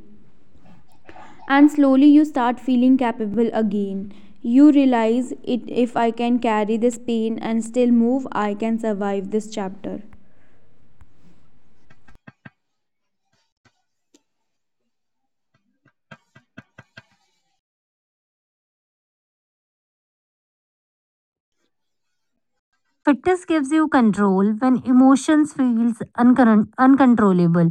B: And slowly you start feeling capable again. You realize it, if I can carry this pain and still move, I can survive this chapter.
A: Fitness gives you control when emotions feels uncon- uncontrollable.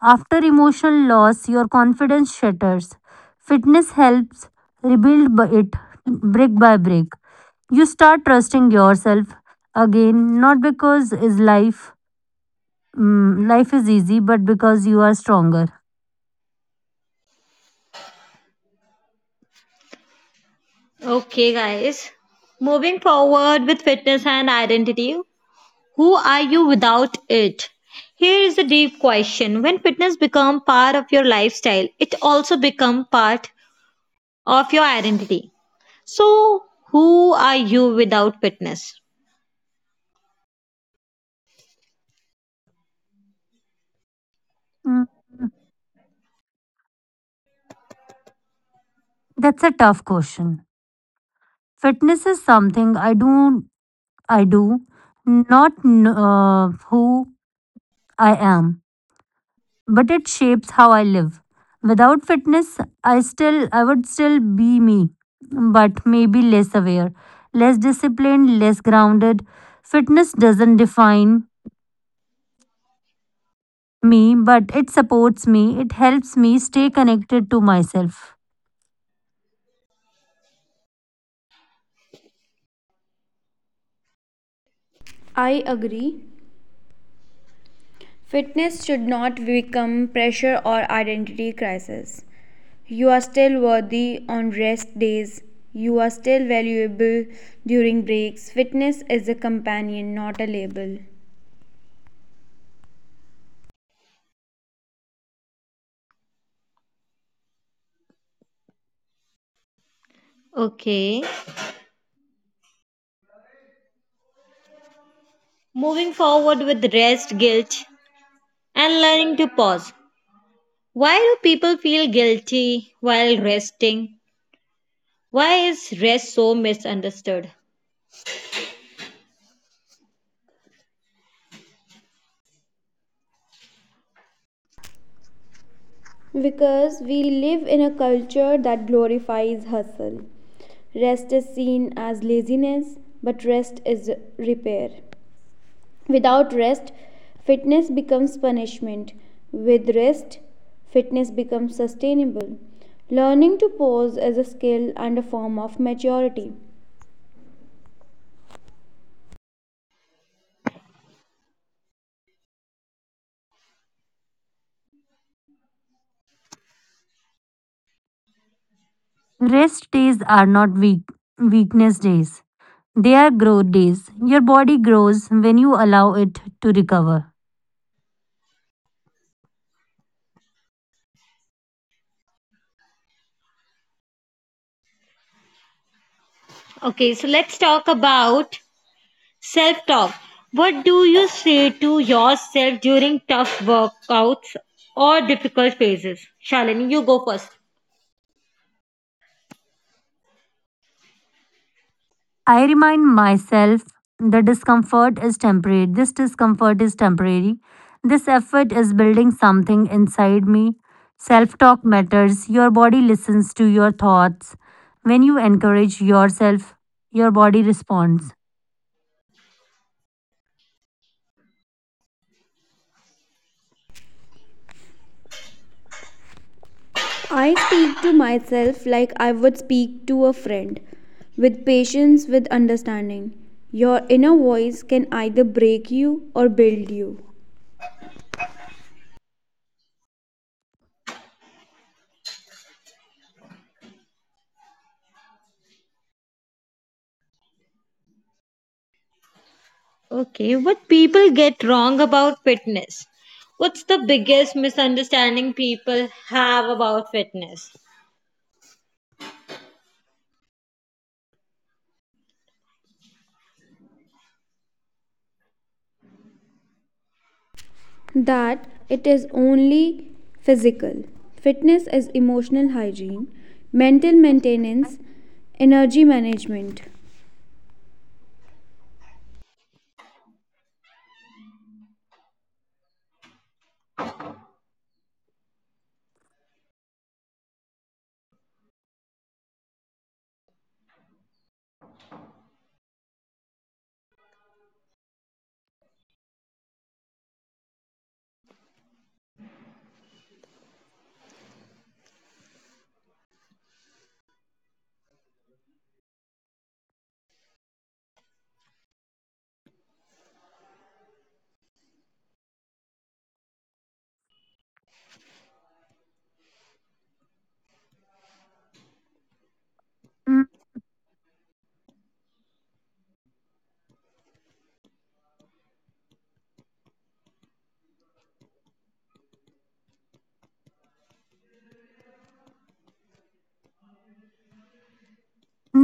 A: After emotional loss, your confidence shatters. Fitness helps rebuild, b- it brick by brick. You start trusting yourself again, not because is life mm, life is easy, but because you are stronger.
C: Okay, guys. Moving forward with fitness and identity, who are you without it? Here is a deep question. When fitness become part of your lifestyle, it also become part of your identity. So, who are you without fitness?
A: Mm, That's a tough question. Fitness is something I do I do, not kn- uh, who I am, but it shapes how I live. Without fitness, I still I would still be me, but maybe less aware, less disciplined, less grounded. Fitness doesn't define me, but it supports me. It helps me stay connected to myself.
B: I agree. Fitness should not become pressure or identity crisis. You are still worthy on rest days. You are still valuable during breaks. Fitness is a companion, not a label.
C: Okay. Moving forward with rest, guilt, and learning to pause. Why do people feel guilty while resting? Why is rest so misunderstood?
B: Because we live in a culture that glorifies hustle. Rest is seen as laziness, but rest is repair. Without rest, fitness becomes punishment. With rest, fitness becomes sustainable. Learning to pause is a skill and a form of maturity.
A: Rest days are not weak weakness days. They are growth days. Your body grows when you allow it to recover.
C: Okay, so let's talk about self talk. What do you say to yourself during tough workouts or difficult phases? Shalini, you go first.
A: I remind myself the discomfort is temporary. This discomfort is temporary. This effort is building something inside me. Self talk matters. Your body listens to your thoughts. When you encourage yourself, your body responds.
B: I speak to myself like I would speak to a friend, with patience, with understanding. Your inner voice can either break you or build you.
C: Okay, what people get wrong about fitness? What's the biggest misunderstanding people have about fitness?
B: That it is only physical. Fitness is emotional hygiene, mental maintenance, energy management.
A: Mm,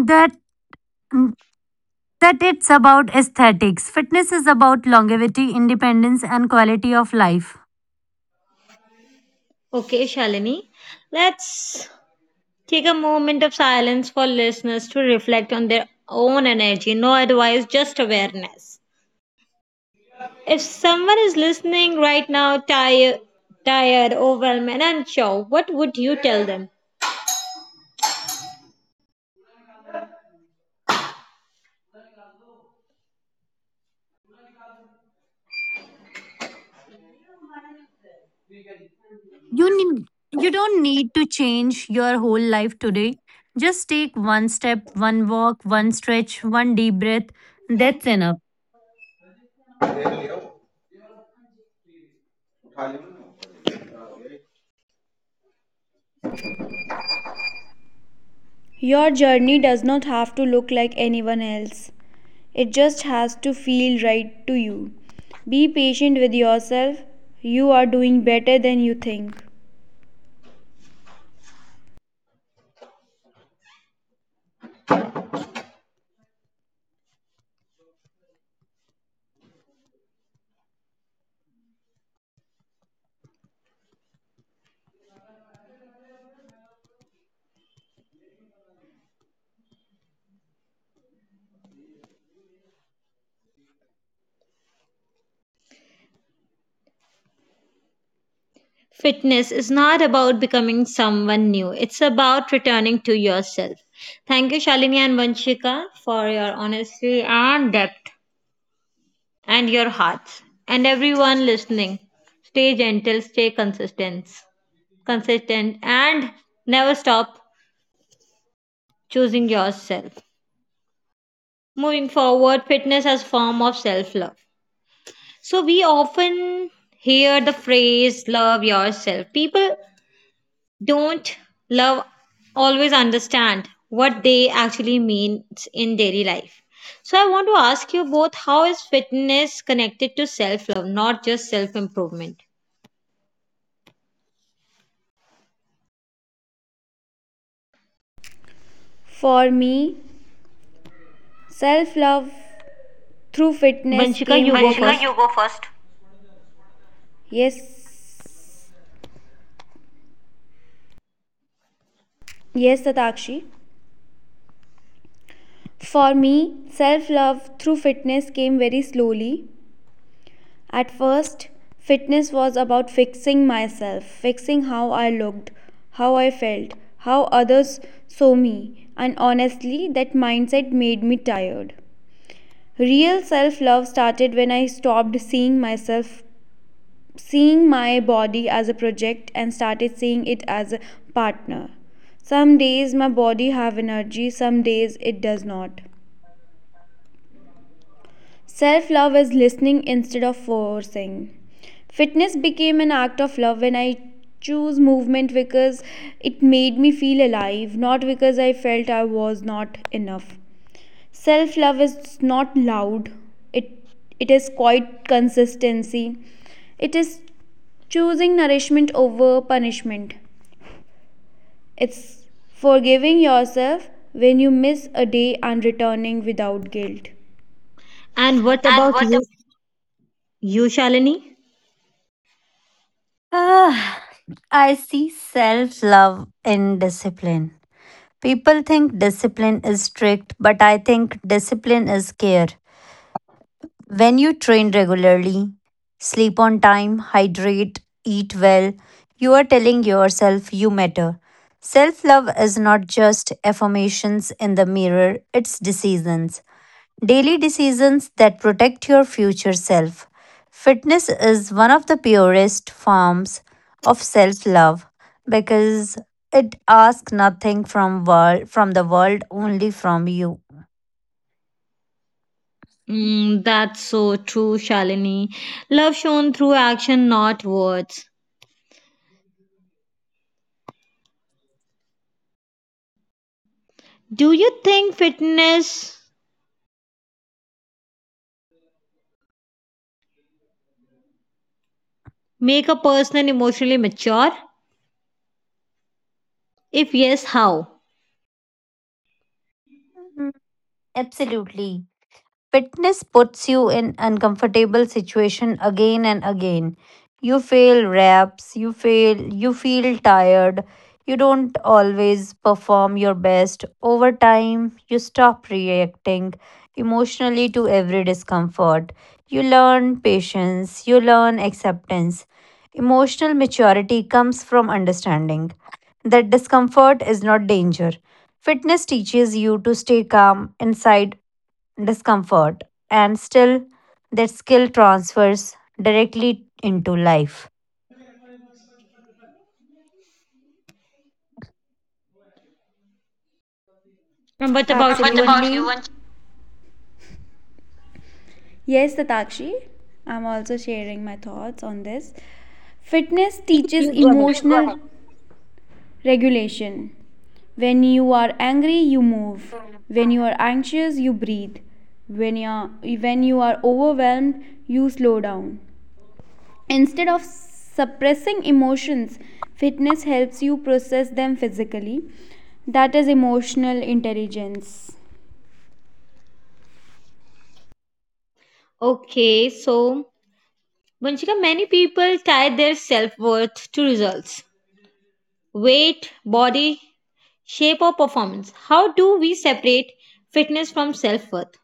A: That mm, that it's about aesthetics. Fitness is about longevity, independence, and quality of life.
C: Okay, Shalini, let's take a moment of silence for listeners to reflect on their own energy. No advice, just awareness. If someone is listening right now, tired, tired, overwhelmed, and unsure, what would you tell them?
A: You need, you don't need to change your whole life today. Just take one step, one walk, one stretch, one deep breath. That's enough.
B: Your journey does not have to look like anyone else, it just has to feel right to you. Be patient with yourself, you are doing better than you think.
C: Fitness is not about becoming someone new. It's about returning to yourself. Thank you, Shalini and Vanshika, for your honesty and depth and your hearts. And everyone listening, stay gentle, stay consistent, consistent, and never stop choosing yourself. Moving forward, fitness as form of self-love. So we often hear the phrase love yourself. People don't love always understand what they actually means in daily life. So I want to ask you both how is fitness connected to self love, not just self improvement?
B: For me, self love through fitness
C: Vanshika,
B: came
C: you
B: very.
C: go
B: Vanshika, you
C: first.
B: go first. Yes. Yes, Satakshi. For me, self love through fitness came very slowly. At first, fitness was about fixing myself, fixing how I looked, how I felt, how others saw me, and honestly, that mindset made me tired. Real self love started when I stopped seeing myself, seeing my body as a project, and started seeing it as a partner. Some days my body have energy, some days it does not. Self love is listening instead of forcing. Fitness became an act of love when I chose movement because it made me feel alive, not because I felt I was not enough. Self love is not loud, it, it is quite consistency. It is choosing nourishment over punishment. It's forgiving yourself when you miss a day and returning without guilt.
C: And what
B: And
C: about
B: what, ab-
C: you? You Shalini?
A: Ah, I see self love in discipline. People think discipline is strict, but I think discipline is care. When you train regularly, sleep on time, hydrate, eat well, you are telling yourself you matter. Self love is not just affirmations in the mirror, it's decisions. Daily decisions that protect your future self. Fitness is one of the purest forms of self love because it asks nothing from world from the world, only from you.
C: Mm, that's so true, Shalini. Love shown through action, not words. Do you think fitness make a person emotionally mature? If yes, how?
A: Mhm. Absolutely. Fitness puts you in uncomfortable situation again and again. You fail reps, you fail, you feel tired, you don't always perform your best. Over time, you stop reacting emotionally to every discomfort. You learn patience, you learn acceptance. Emotional maturity comes from understanding that discomfort is not danger. Fitness teaches you to stay calm inside discomfort, and still that skill transfers directly into life.
C: And what about you,
B: absolutely. What
C: Vanchika?
B: about you? Yes, Tatakshi, I'm also sharing my thoughts on this. Fitness teaches
C: Please go ahead.
B: emotional regulation. When you are angry, you move. When you are anxious, you breathe. When you are, when you are overwhelmed, you slow down. Instead of suppressing emotions, fitness helps you process them physically. That is emotional intelligence.
C: Okay, so Vanchika, many people tie their self worth to results weight, body, shape, or performance. How do we separate fitness from self worth?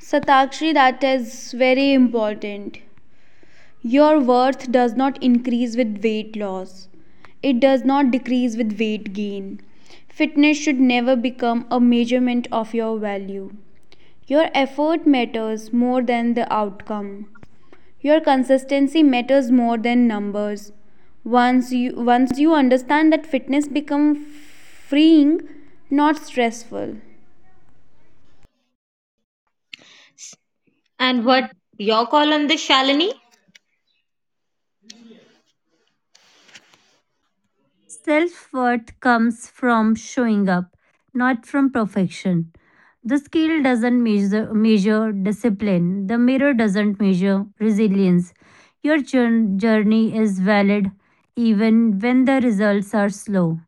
B: Satakshi, that is very important. Your worth does not increase with weight loss. It does not decrease with weight gain. Fitness should never become a measurement of your value. Your effort matters more than the outcome. Your consistency matters more than numbers. Once you once you understand that fitness becomes freeing, not stressful.
C: And what your call on this, Shalini?
A: Self worth comes from showing up, not from perfection. The scale doesn't measure, measure discipline, the mirror doesn't measure resilience. Your jour- journey is valid even when the results are slow.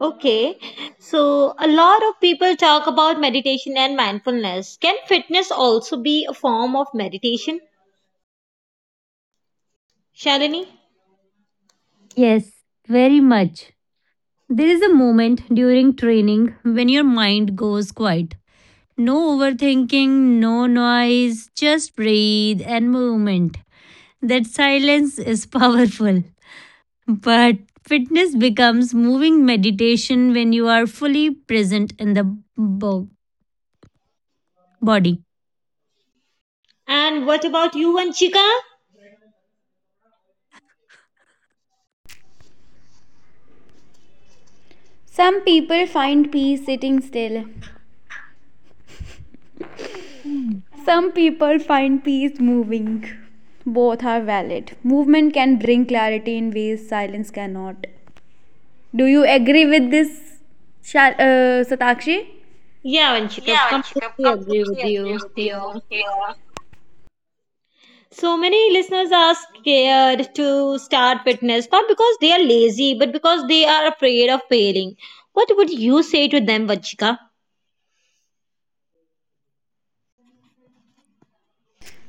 C: Okay, so a lot of people talk about meditation and mindfulness. Can fitness also be a form of meditation, Shalini?
A: Yes, very much. There is a moment during training when your mind goes quiet. No overthinking, no noise, just breathe and movement. That silence is <laughs> powerful. But fitness becomes moving meditation when you are fully present in the bo- body.
C: And what about you, Vanchika?
B: Some people find peace sitting still.
A: Mm.
B: Some people find peace moving. Both are valid. Movement can bring clarity in ways silence cannot. Do you agree with this, uh, Satakshi?
C: Yeah, Vanchika,
B: Yeah, Vanshika,
C: completely agree
B: completely
C: with
B: agree
C: you.
B: with you.
C: Yeah.
B: Yeah.
C: So many listeners are scared to start fitness, not because they are lazy, but because they are afraid of failing. What would you say to them, Vanchika?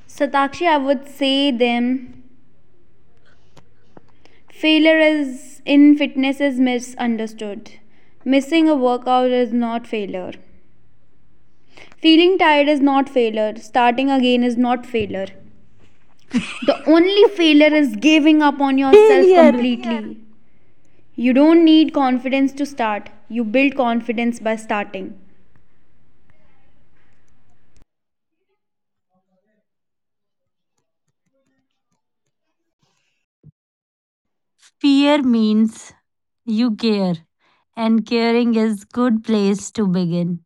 B: Satakshi, I would say them. Failure is in fitness is misunderstood. Missing a workout is not failure. Feeling tired is not failure. Starting again is not failure. The only failure is giving up on yourself
A: Failure.
B: completely. You don't need confidence to start, you build confidence by starting.
A: Fear means you care, and caring is good place to begin.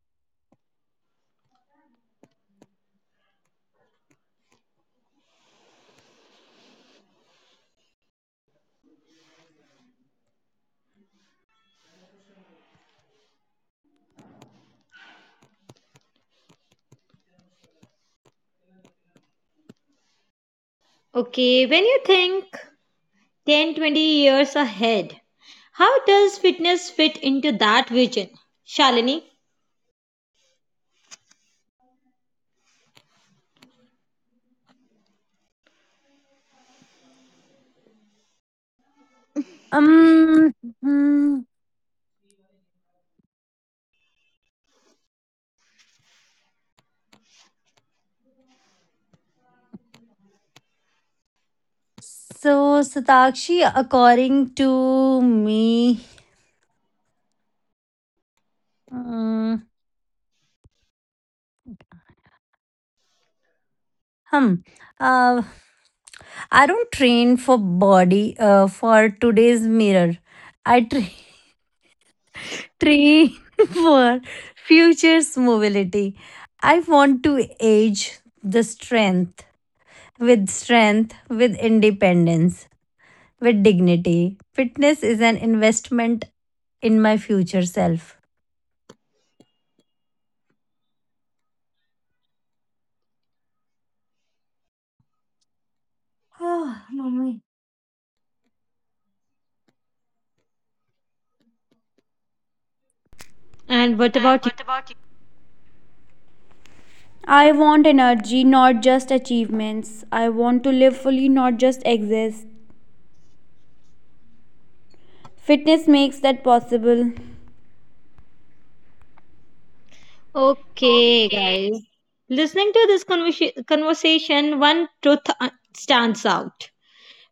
C: Okay, when you think ten, twenty years ahead, how does fitness fit into that vision? Shalini?
A: Um. mm, So, Satakshi, according to me, um, hum, uh, I don't train for body uh, for today's mirror. I train. train <laughs> for future's mobility. I want to age the strength with strength, with independence, with dignity. Fitness is an investment in my future self. Oh, mommy.
C: And what
B: And
C: about
B: what about you? I want energy, not just achievements. I want to live fully, not just exist. Fitness makes that possible.
C: Okay,
B: Okay.
C: guys. Listening to this conversa- conversation, one truth uh, stands out.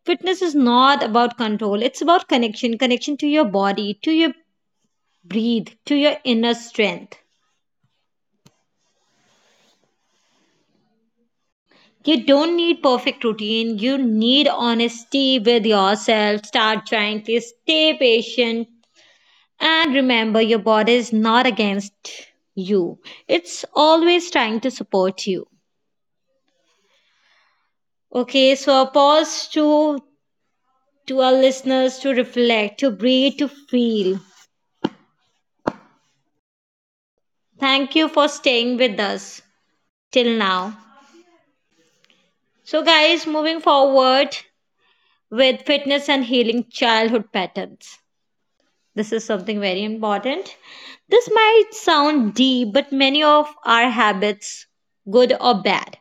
C: Fitness is not about control, it's about connection connection to your body, to your breathe, to your inner strength. You don't need perfect routine, you need honesty with yourself. Start gently, stay patient, and remember your body is not against you, it's always trying to support you. Okay, so a pause to to our listeners to reflect, to breathe, to feel. Thank you for staying with us till now. So, guys, moving forward with fitness and healing childhood patterns. This is something very important. This might sound deep, but many of our habits, good or bad,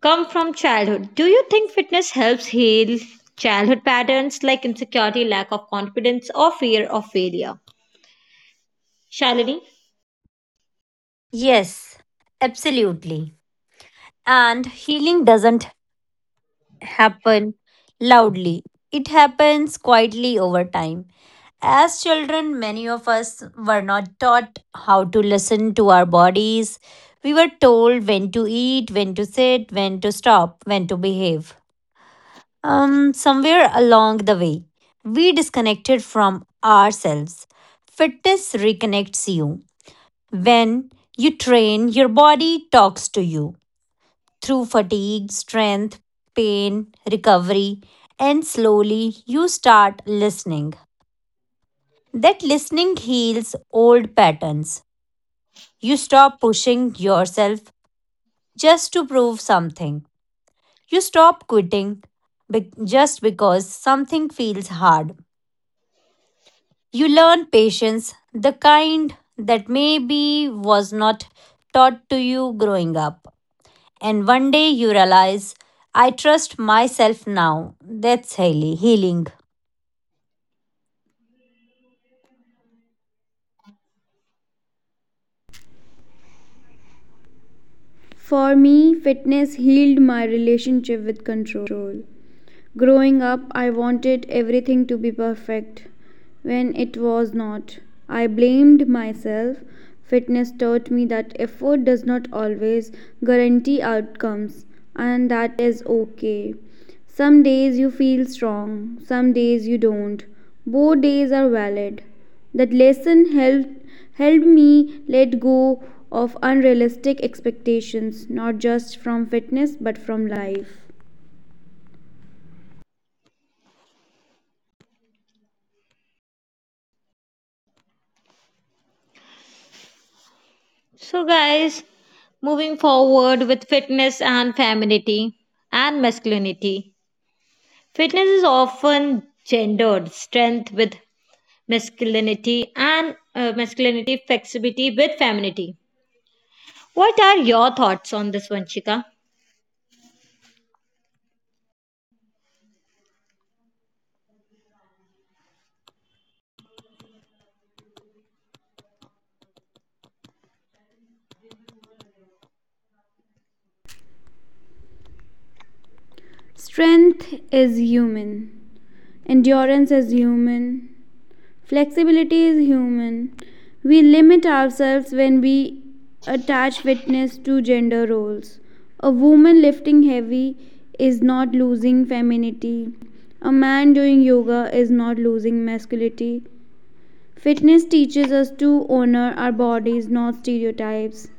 C: come from childhood. Do you think fitness helps heal childhood patterns like insecurity, lack of confidence, or fear of failure? Shalini?
A: Yes, absolutely. And healing doesn't happen loudly. It happens quietly over time. As children, many of us were not taught how to listen to our bodies. We were told when to eat, when to sit, when to stop, when to behave. Um, somewhere along the way, we disconnected from ourselves. Fitness reconnects you. When you train, your body talks to you through fatigue, strength, pain, recovery, and slowly you start listening. That listening heals old patterns. You stop pushing yourself just to prove something. You stop quitting be- just because something feels hard. You learn patience, the kind that maybe was not taught to you growing up. And one day you realize, I trust myself now. That's highly healing.
B: For me, fitness healed my relationship with control. Growing up, I wanted everything to be perfect when it was not. I blamed myself. Fitness taught me that effort does not always guarantee outcomes, and that is okay. Some days you feel strong, some days you don't. Both days are valid. That lesson helped helped me let go of unrealistic expectations, not just from fitness but from life.
C: So, guys, moving forward with fitness and femininity and masculinity. Fitness is often gendered, strength with masculinity and uh, masculinity, flexibility with femininity. What are your thoughts on this one, Chika?
B: Strength is human, endurance is human, flexibility is human. We limit ourselves when we attach fitness to gender roles. A woman lifting heavy is not losing femininity. A man doing yoga is not losing masculinity. Fitness teaches us to honor our bodies, not stereotypes.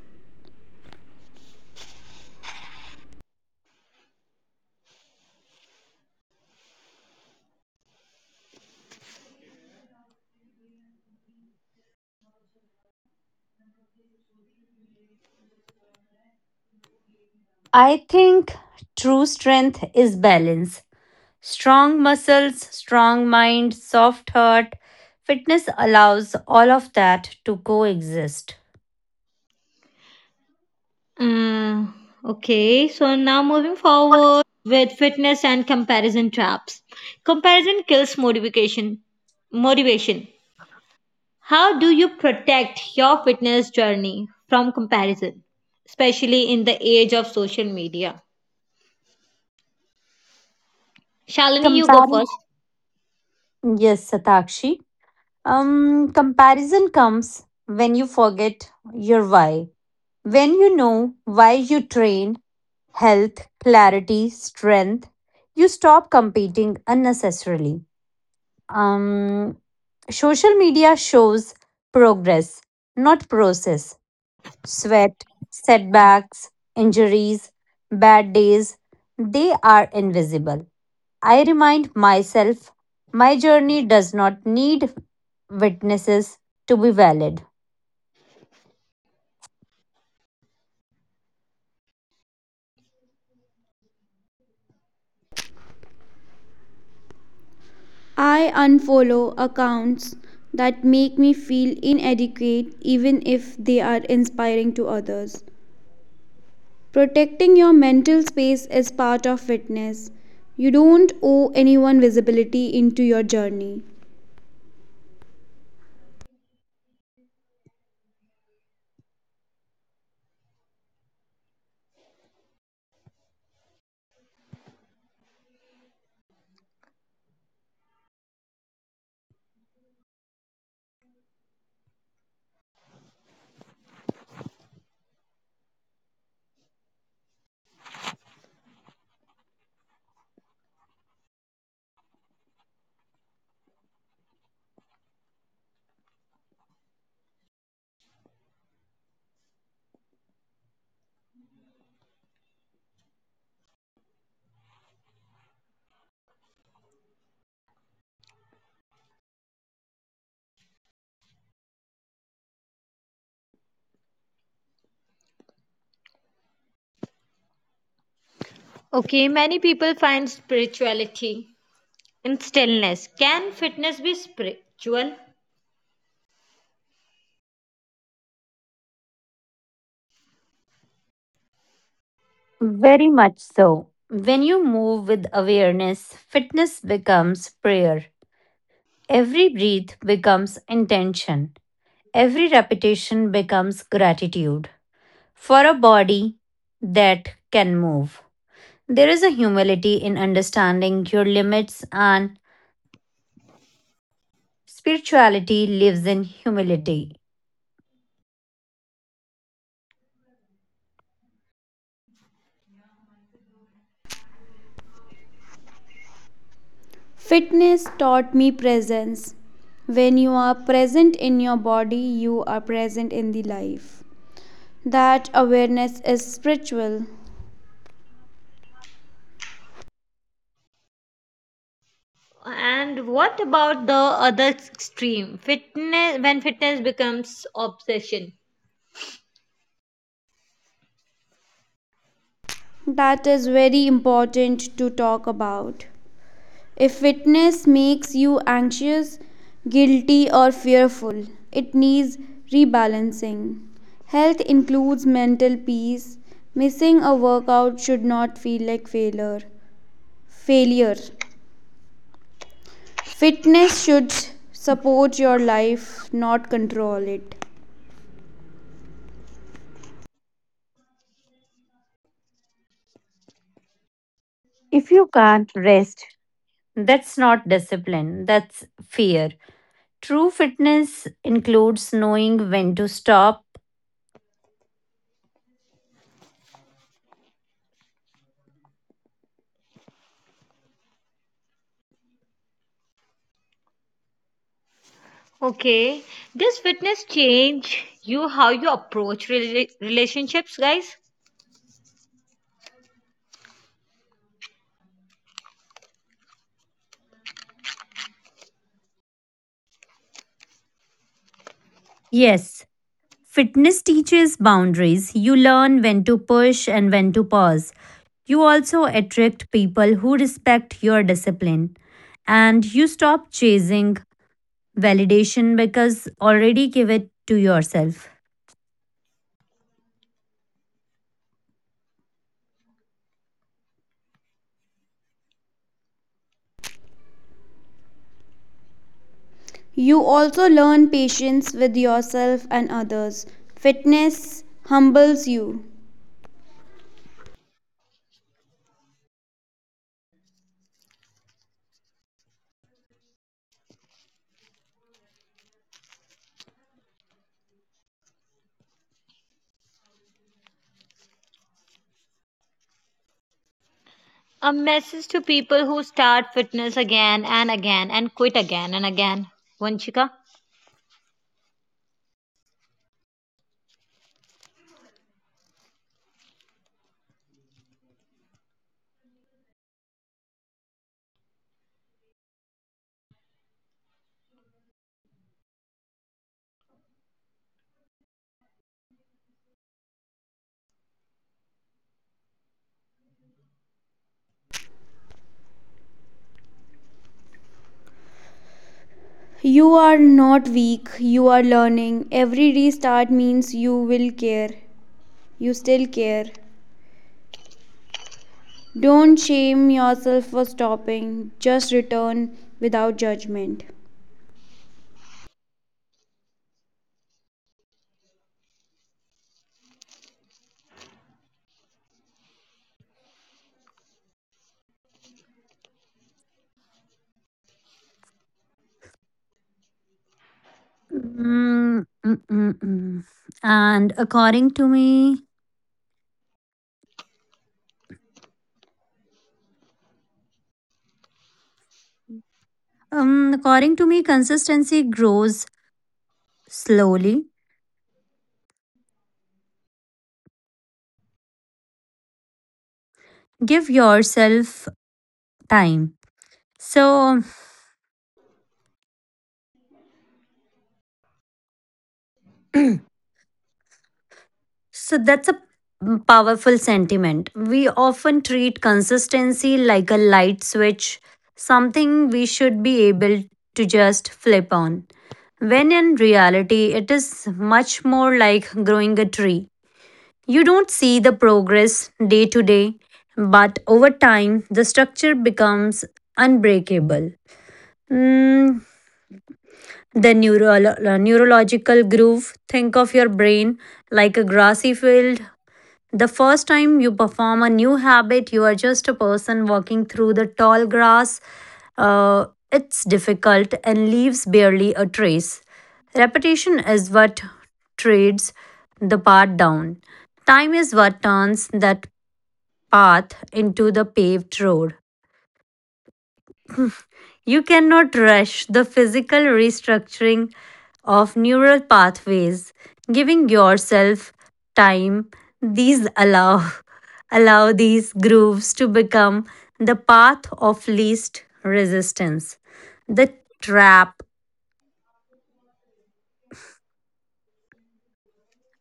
A: I think true strength is balance. Strong muscles, strong mind, soft heart. Fitness allows all of that to coexist.
C: Uh, okay, so now moving forward with fitness and comparison traps. Comparison kills motivation. Motivation. How do you protect your fitness journey from comparison, especially in the age of social media? Shalini, you go
A: Comparing.
C: first.
A: Yes, Satakshi. Um, comparison comes when you forget your why. When you know why you train, health, clarity, strength. You stop competing unnecessarily. Um, Social media shows progress, not process. Sweat, setbacks, injuries, bad days, they are invisible. I remind myself my journey does not need witnesses to be valid.
B: I unfollow accounts that make me feel inadequate, even if they are inspiring to others. Protecting your mental space is part of fitness. You don't owe anyone visibility into your journey.
C: Okay, many people find spirituality in stillness. Can fitness be spiritual?
A: Very much so. When you move with awareness, fitness becomes prayer. Every breath becomes intention. Every repetition becomes gratitude. For a body that can move, there is a humility in understanding your limits, and spirituality lives in humility.
B: Fitness taught me presence. When you are present in your body, you are present in the life. That awareness is spiritual.
C: And what about the other extreme? Fitness when fitness becomes obsession.
B: That is very important to talk about. If fitness makes you anxious, guilty, or fearful, it needs rebalancing. Health includes mental peace. Missing a workout should not feel like failure. Failure. Fitness should support your life, not control it.
A: If you can't rest, that's not discipline, that's fear. True fitness includes knowing when to stop.
C: Okay, does fitness change you how you approach rela- relationships, guys?
A: Yes, fitness teaches boundaries. You learn when to push and when to pause. You also attract people who respect your discipline. And you stop chasing validation because already give it to yourself.
B: You also learn patience with yourself and others. Fitness humbles you.
C: A message to people who start fitness again and again and quit again and again. Vanchika.
B: You are not weak, you are learning. Every restart means you will care. You still care. Don't shame yourself for stopping, just return without judgment.
A: Mm, mm, mm, mm. And according to me, um, according to me, consistency grows slowly. Give yourself time. So So that's a powerful sentiment. We often treat consistency like a light switch, something we should be able to just flip on. When in reality, it is much more like growing a tree. You don't see the progress day to day, but over time, the structure becomes unbreakable. Mm, the neuro- neurological groove, think of your brain like a grassy field the first time you perform a new habit, you are just a person walking through the tall grass. Uh, it's difficult and leaves barely a trace. Repetition is what trades the path down. Time is what turns that path into the paved road. You cannot rush the physical restructuring of neural pathways, giving yourself time. These allow <laughs> allow these grooves to become the path of least resistance. The trap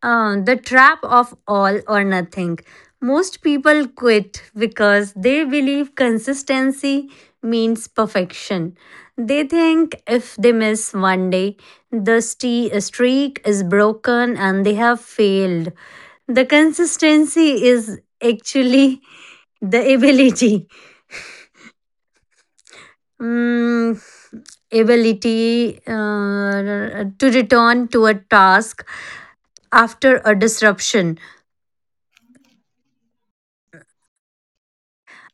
A: Uh, the trap of all or nothing. Most people quit because they believe consistency means perfection. They think if they miss one day, the ste- streak is broken and they have failed. The consistency is actually <laughs> the ability. Mm, ability uh, to return to a task after a disruption.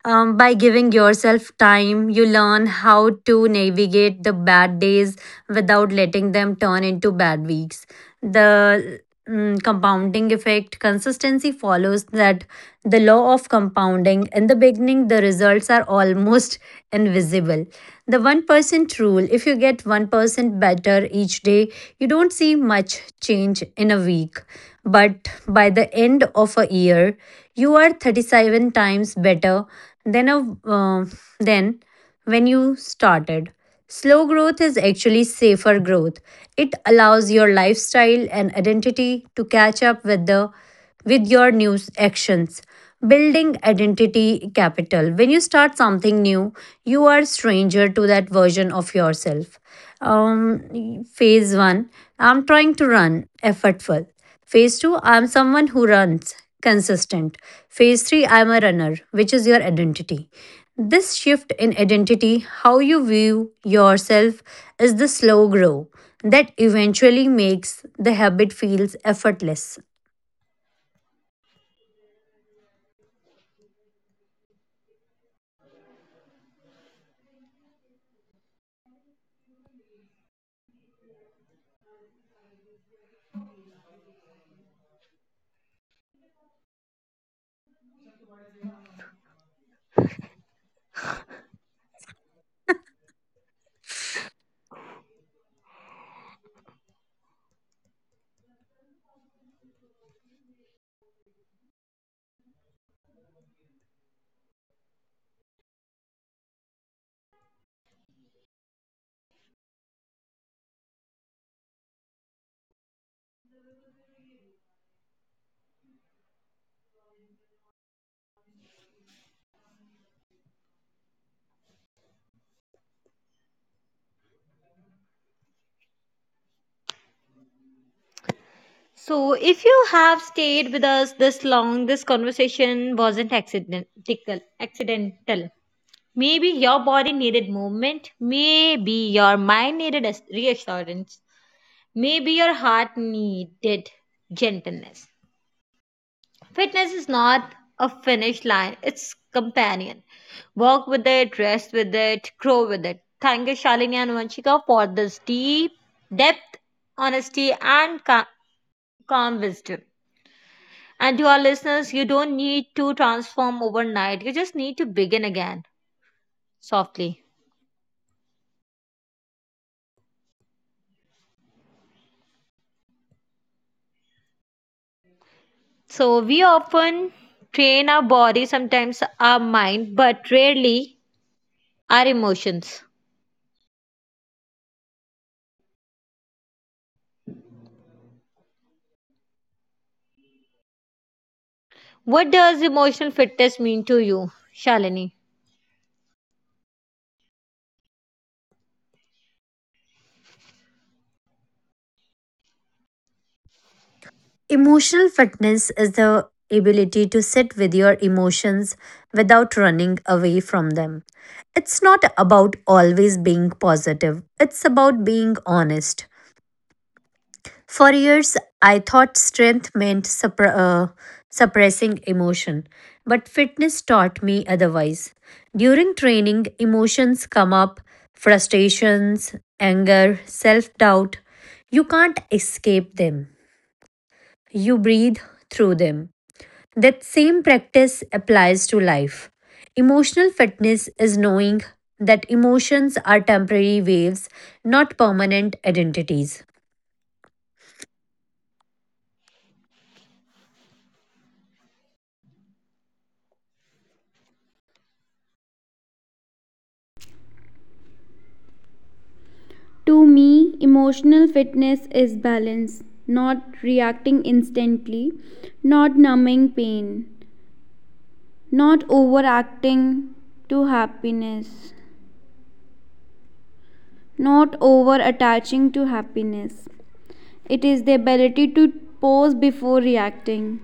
A: Um, by giving yourself time, you learn how to navigate the bad days without letting them turn into bad weeks. The mm, compounding effect consistency follows that the law of compounding. In the beginning, the results are almost <laughs> invisible. The one percent rule if you get one percent better each day, you don't see much change in a week. But by the end of a year, you are thirty-seven times better than, a, uh, than when you started. Slow growth is actually safer growth. It allows your lifestyle and identity to catch up with the with your new actions. Building identity capital. When you start something new, you are stranger to that version of yourself. Um, phase one. I'm trying to run effortful. Phase two, I'm someone who runs, consistent. Phase three, I'm a runner, which is your identity. This shift in identity, how you view yourself, is the slow grow that eventually makes the habit feels effortless.
C: So, if you have stayed with us this long, this conversation wasn't accidental. Accidental. Maybe your body needed movement. Maybe your mind needed as- reassurance. Maybe your heart needed gentleness. Fitness is not a finish line, it's companion. Walk with it, rest with it, grow with it. Thank you, Shalini and Vanshika, for this deep depth, honesty, and ca- calm wisdom. And to our listeners, you don't need to transform overnight, you just need to begin again softly. So, we often train our body, sometimes our mind, but rarely our emotions. What does emotional fitness mean to you, Shalini?
A: Emotional fitness is the ability to sit with your emotions without running away from them. It's not about always being positive, it's about being honest. For years, I thought strength meant suppre- uh, suppressing emotion, but fitness taught me otherwise. During training, emotions come up frustrations, anger, self doubt. You can't escape them, you breathe through them. That same practice applies to life. Emotional fitness is knowing that emotions are temporary waves, not permanent identities.
B: To me, emotional fitness is balance, not reacting instantly, not numbing pain, not overacting to happiness, not over attaching to happiness. It is the ability to pause before reacting,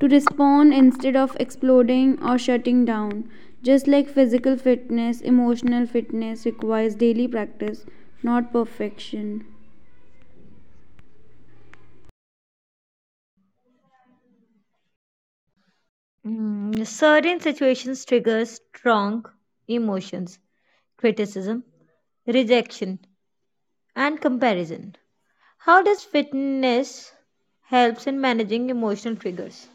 B: to respond instead of exploding or shutting down. Just like physical fitness, emotional fitness requires daily practice, not perfection.
C: Mm, certain situations trigger strong emotions, criticism, rejection, and comparison. How does fitness helps in managing emotional triggers?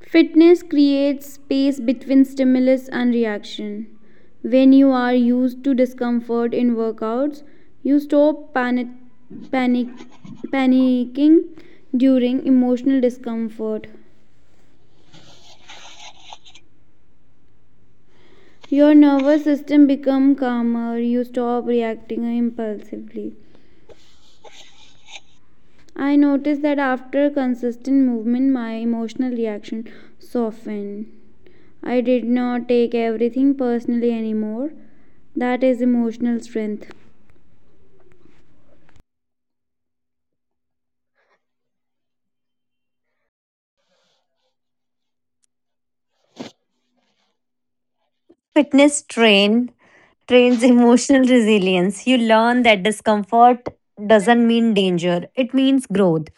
B: Fitness creates space between stimulus and reaction. When you are used to discomfort in workouts, you stop panic, panic, panicking during emotional discomfort. Your nervous system becomes calmer, you stop reacting impulsively. I noticed that after consistent movement my emotional reaction softened. I did not take everything personally anymore. That is emotional strength.
A: Fitness train trains emotional resilience. You learn that discomfort doesn't mean danger, it means growth.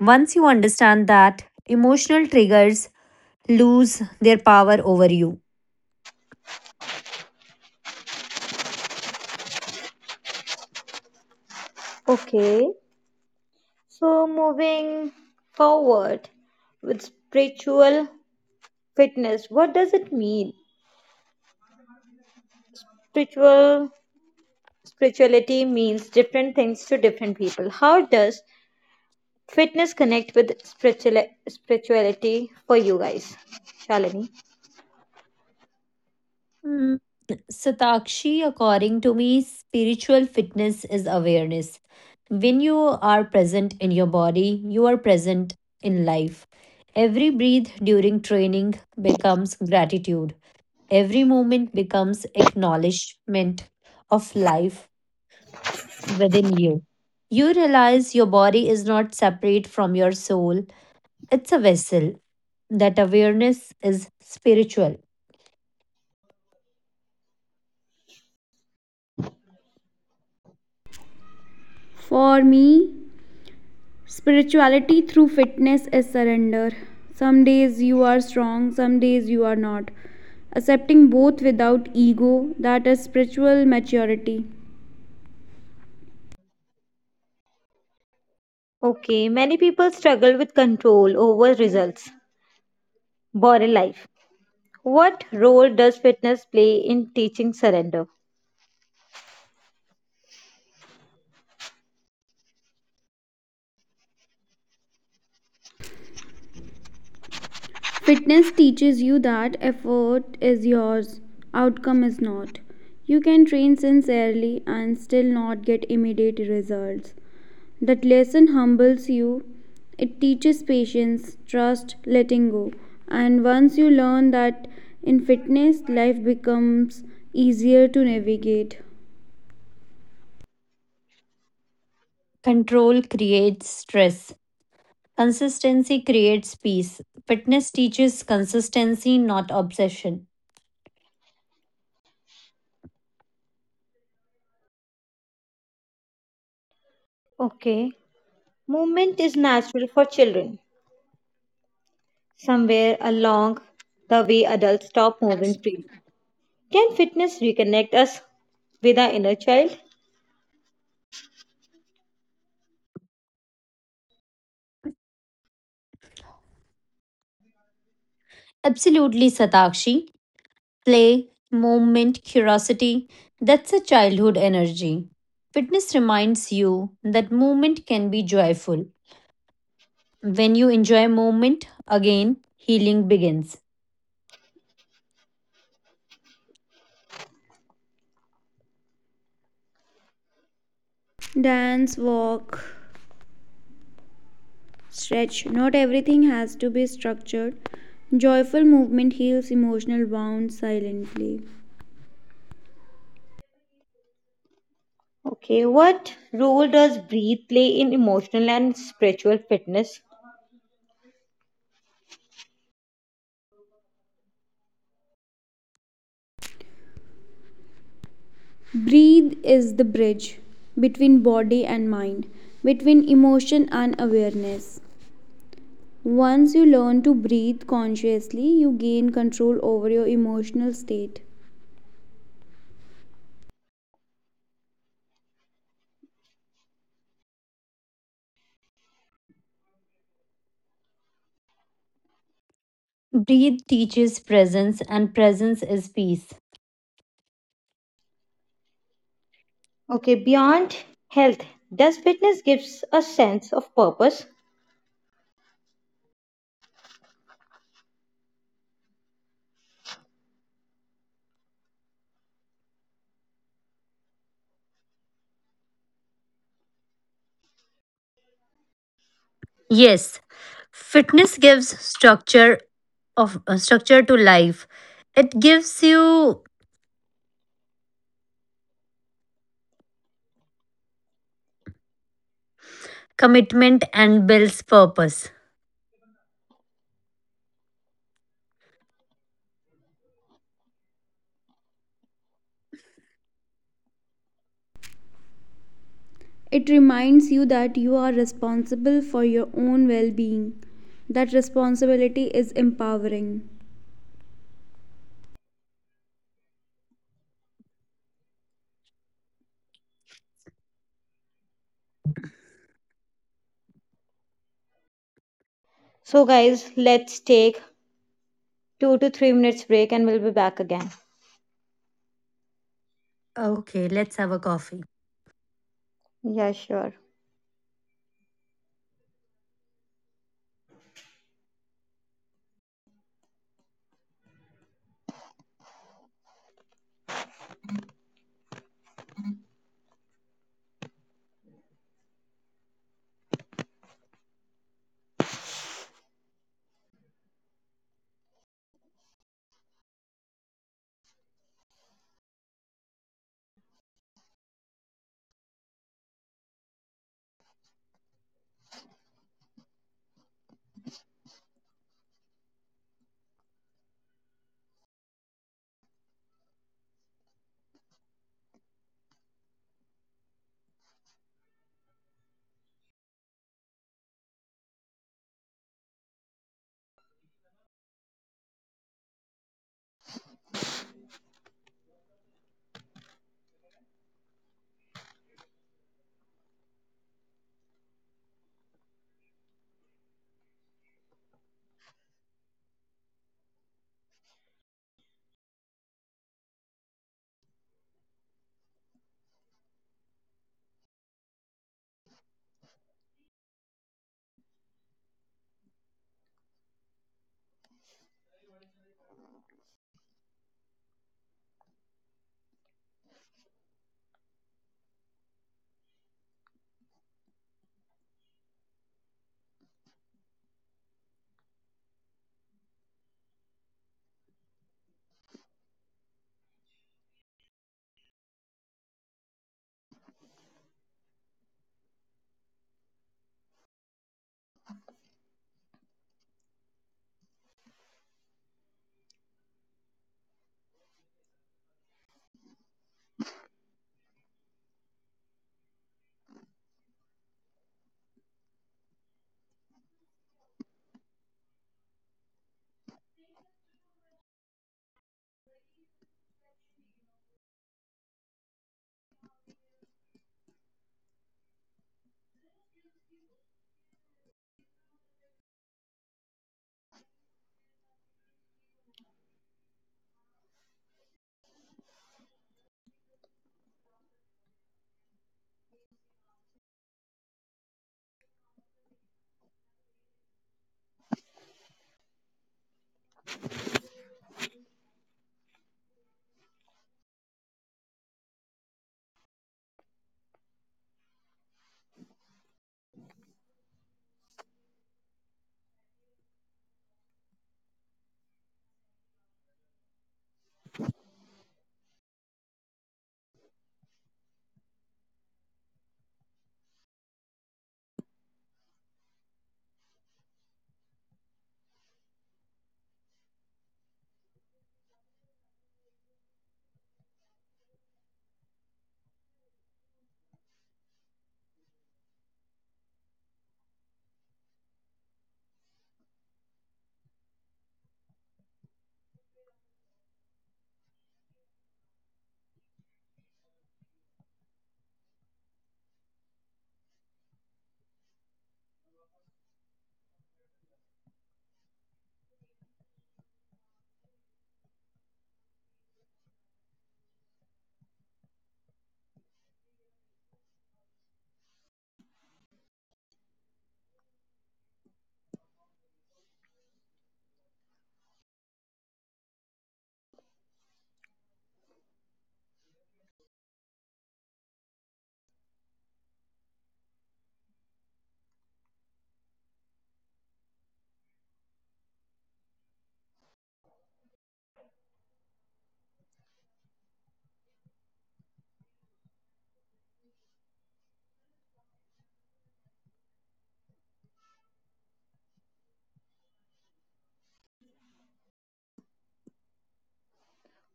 A: Once you understand that, emotional triggers lose their power over you.
C: Okay, so moving forward with spiritual fitness, what does it mean? Spiritual Spirituality means different things to different people. How does fitness connect with spiritual spirituality for you guys, Shalini?
A: Hmm. Satakshi, according to me, spiritual fitness is awareness. When you are present in your body, you are present in life. Every breath during training becomes gratitude. Every moment becomes acknowledgement of life within you. You realize your body is not separate from your soul, it's a vessel. That awareness is spiritual.
B: For me, spirituality through fitness is surrender. Some days you are strong, some days you are not. Accepting both without ego, that is spiritual maturity.
C: Okay, many people struggle with control over results. Border life. What role does fitness play in teaching surrender?
B: Fitness teaches you that effort is yours, outcome is not. You can train sincerely and still not get immediate results. That lesson humbles you. It teaches patience, trust, letting go. And once you learn that in fitness, life becomes easier to navigate.
A: Control creates stress, consistency creates peace. Fitness teaches consistency, not obsession.
C: Okay, movement is natural for children. Somewhere along the way, adults stop moving freely. Can fitness reconnect us with our inner child?
A: Absolutely, Satakshi. Play, movement, curiosity that's a childhood energy. Fitness reminds you that movement can be joyful. When you enjoy movement, again, healing begins.
B: Dance, walk, stretch. Not everything has to be structured. Joyful movement heals emotional wounds silently.
C: Okay, what role does breathe play in emotional and spiritual fitness?
B: Breathe is the bridge between body and mind, between emotion and awareness. Once you learn to breathe consciously, you gain control over your emotional state.
A: Breathe teaches presence, and presence is peace.
C: Okay, beyond health, does fitness gives a sense of purpose?
A: Yes, fitness gives structure of uh, structure to life. It gives you commitment and builds purpose.
B: It reminds you that you are responsible for your own well being. That responsibility is empowering.
C: So, guys, let's take two to three minutes break and we'll be back again.
A: Okay, let's have a coffee.
C: Yeah, sure.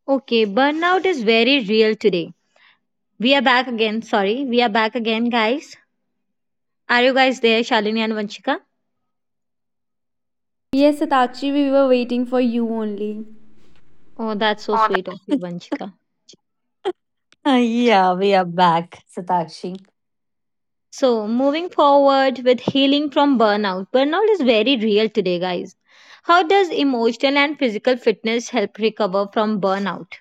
C: Okay, burnout is very real today. We are back again. Sorry, we are back again, guys. Are you guys there, Shalini and Vanchika?
B: Yes, Satakshi, we were waiting for you only.
C: Oh, that's so
B: Oh,
C: sweet of you,
A: <laughs>
C: Vanchika.
A: Ah, yeah, we are back, Satakshi.
C: So, moving forward with healing from burnout. Burnout is very real today, guys. How does emotional and physical fitness help recover from burnout?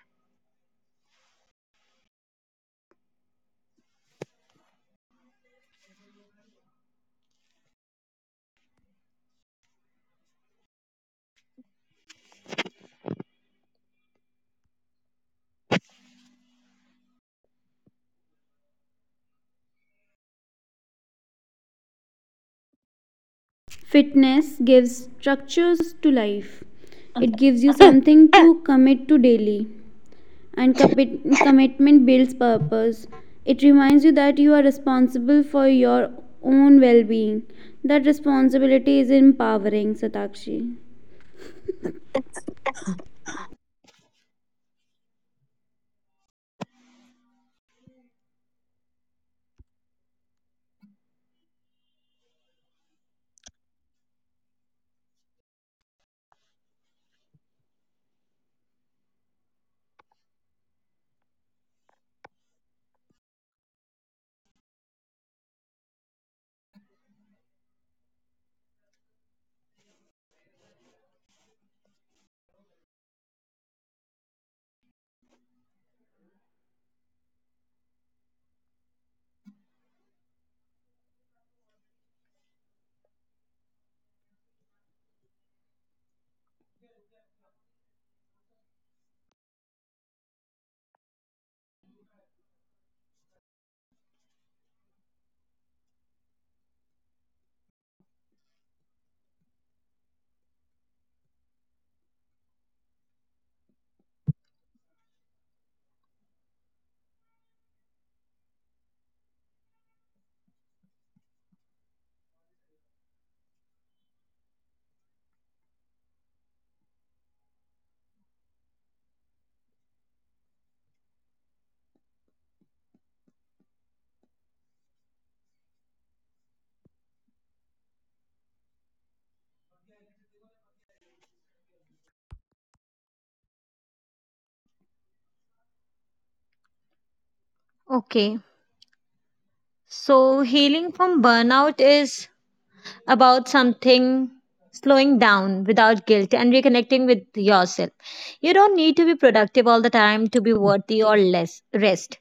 B: fitness gives structures to life, it gives you something to commit to daily. And commit- <coughs> commitment builds purpose. It reminds you that you are responsible for your own well being. That responsibility is empowering, Satakshi.
C: Okay, so healing from burnout is about something, slowing down without guilt, and reconnecting with yourself. You don't need to be productive all the time to be worthy or less rest.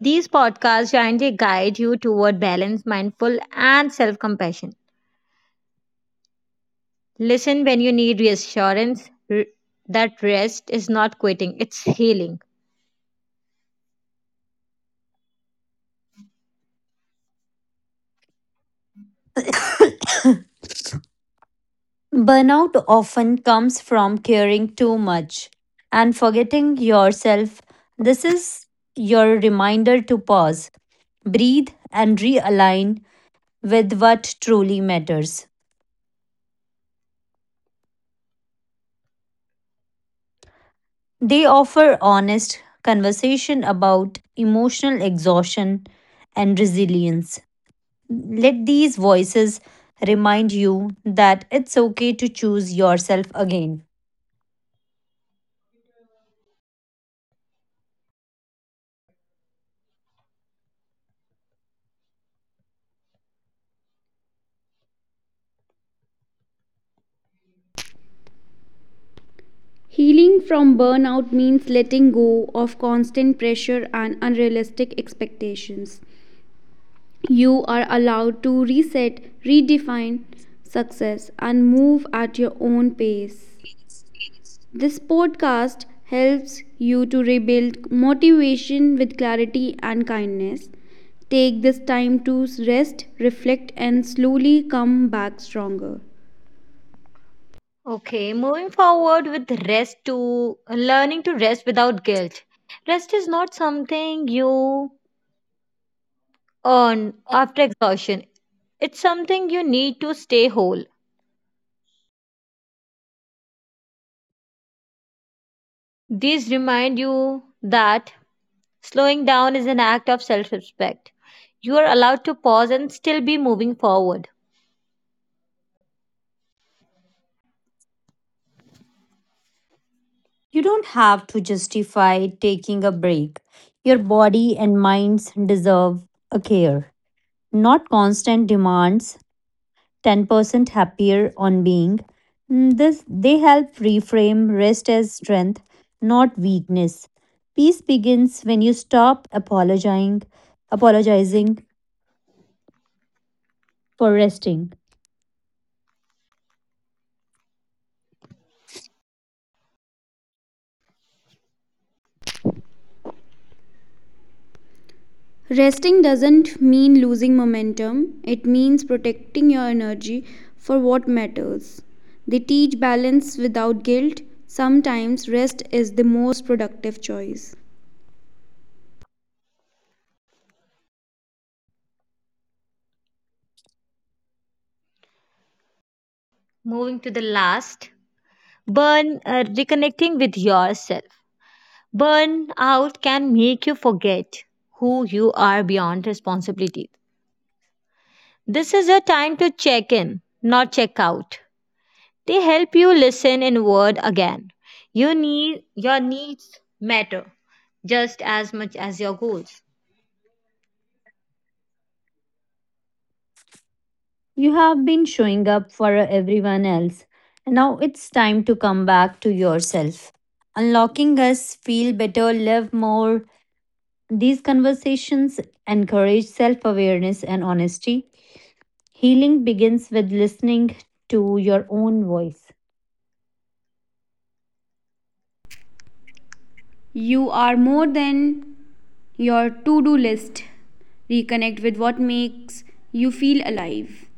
C: These podcasts kindly guide you toward balance, mindful, and self compassion. Listen when you need reassurance r- that rest is not quitting, it's healing.
A: <coughs> Burnout often comes from caring too much and forgetting yourself. This is your reminder to pause, breathe, and realign with what truly matters. They offer honest conversation about emotional exhaustion and resilience. Let these voices remind you that it's okay to choose yourself again.
B: Healing from burnout means letting go of constant pressure and unrealistic expectations. You are allowed to reset, redefine success, and move at your own pace. This podcast helps you to rebuild motivation with clarity and kindness. Take this time to rest, reflect, and slowly come back stronger.
C: Okay, moving forward with rest to learning to rest without guilt. Rest is not something you earned after exhaustion. It's something you need to stay whole. These remind you that slowing down is an act of self respect. You are allowed to pause and still be moving forward.
A: You don't have to justify taking a break. Your body and minds deserve a care, not constant demands ten percent happier on being. Mm, This they help reframe rest as strength, not weakness. Peace begins when you stop apologizing, apologizing for resting.
B: Resting doesn't mean losing momentum, it means protecting your energy for what matters. They teach balance without guilt. Sometimes rest is the most productive choice.
C: Moving to the last, burn uh, reconnecting with yourself. Burnout can make you forget who you are beyond responsibility. This is a time to check in, not check out. They help you listen inward again. You need your needs matter just as much as your goals.
A: You have been showing up for everyone else. And now it's time to come back to yourself. Unlocking us, feel better, live more. These conversations encourage self awareness and honesty Healing begins with listening to your own voice.
B: You are more than your to do list. Reconnect with what makes you feel alive.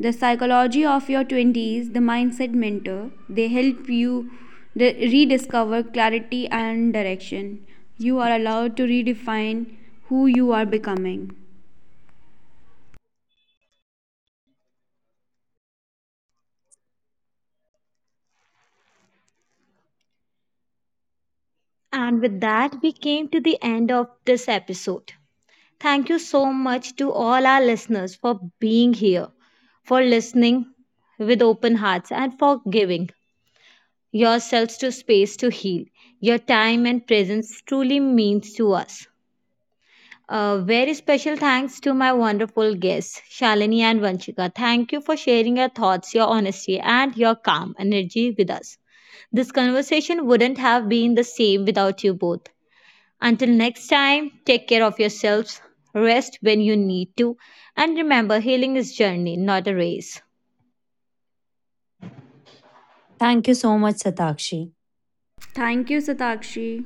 B: The psychology of your twenties, the mindset mentor, they help you rediscover clarity and direction. You are allowed to redefine who you are becoming.
C: And with that, we came to the end of this episode. Thank you so much to all our listeners for being here, for listening with open hearts, and for giving yourselves to space to heal. Your time and presence truly means to us. A very special thanks to my wonderful guests, Shalini and Vanshika. Thank you for sharing your thoughts, your honesty, and your calm energy with us. This conversation wouldn't have been the same without you both. Until next time, take care of yourselves, rest when you need to, and remember healing is journey, not a race.
A: Thank you so much, Satakshi.
B: Thank you, Satakshi.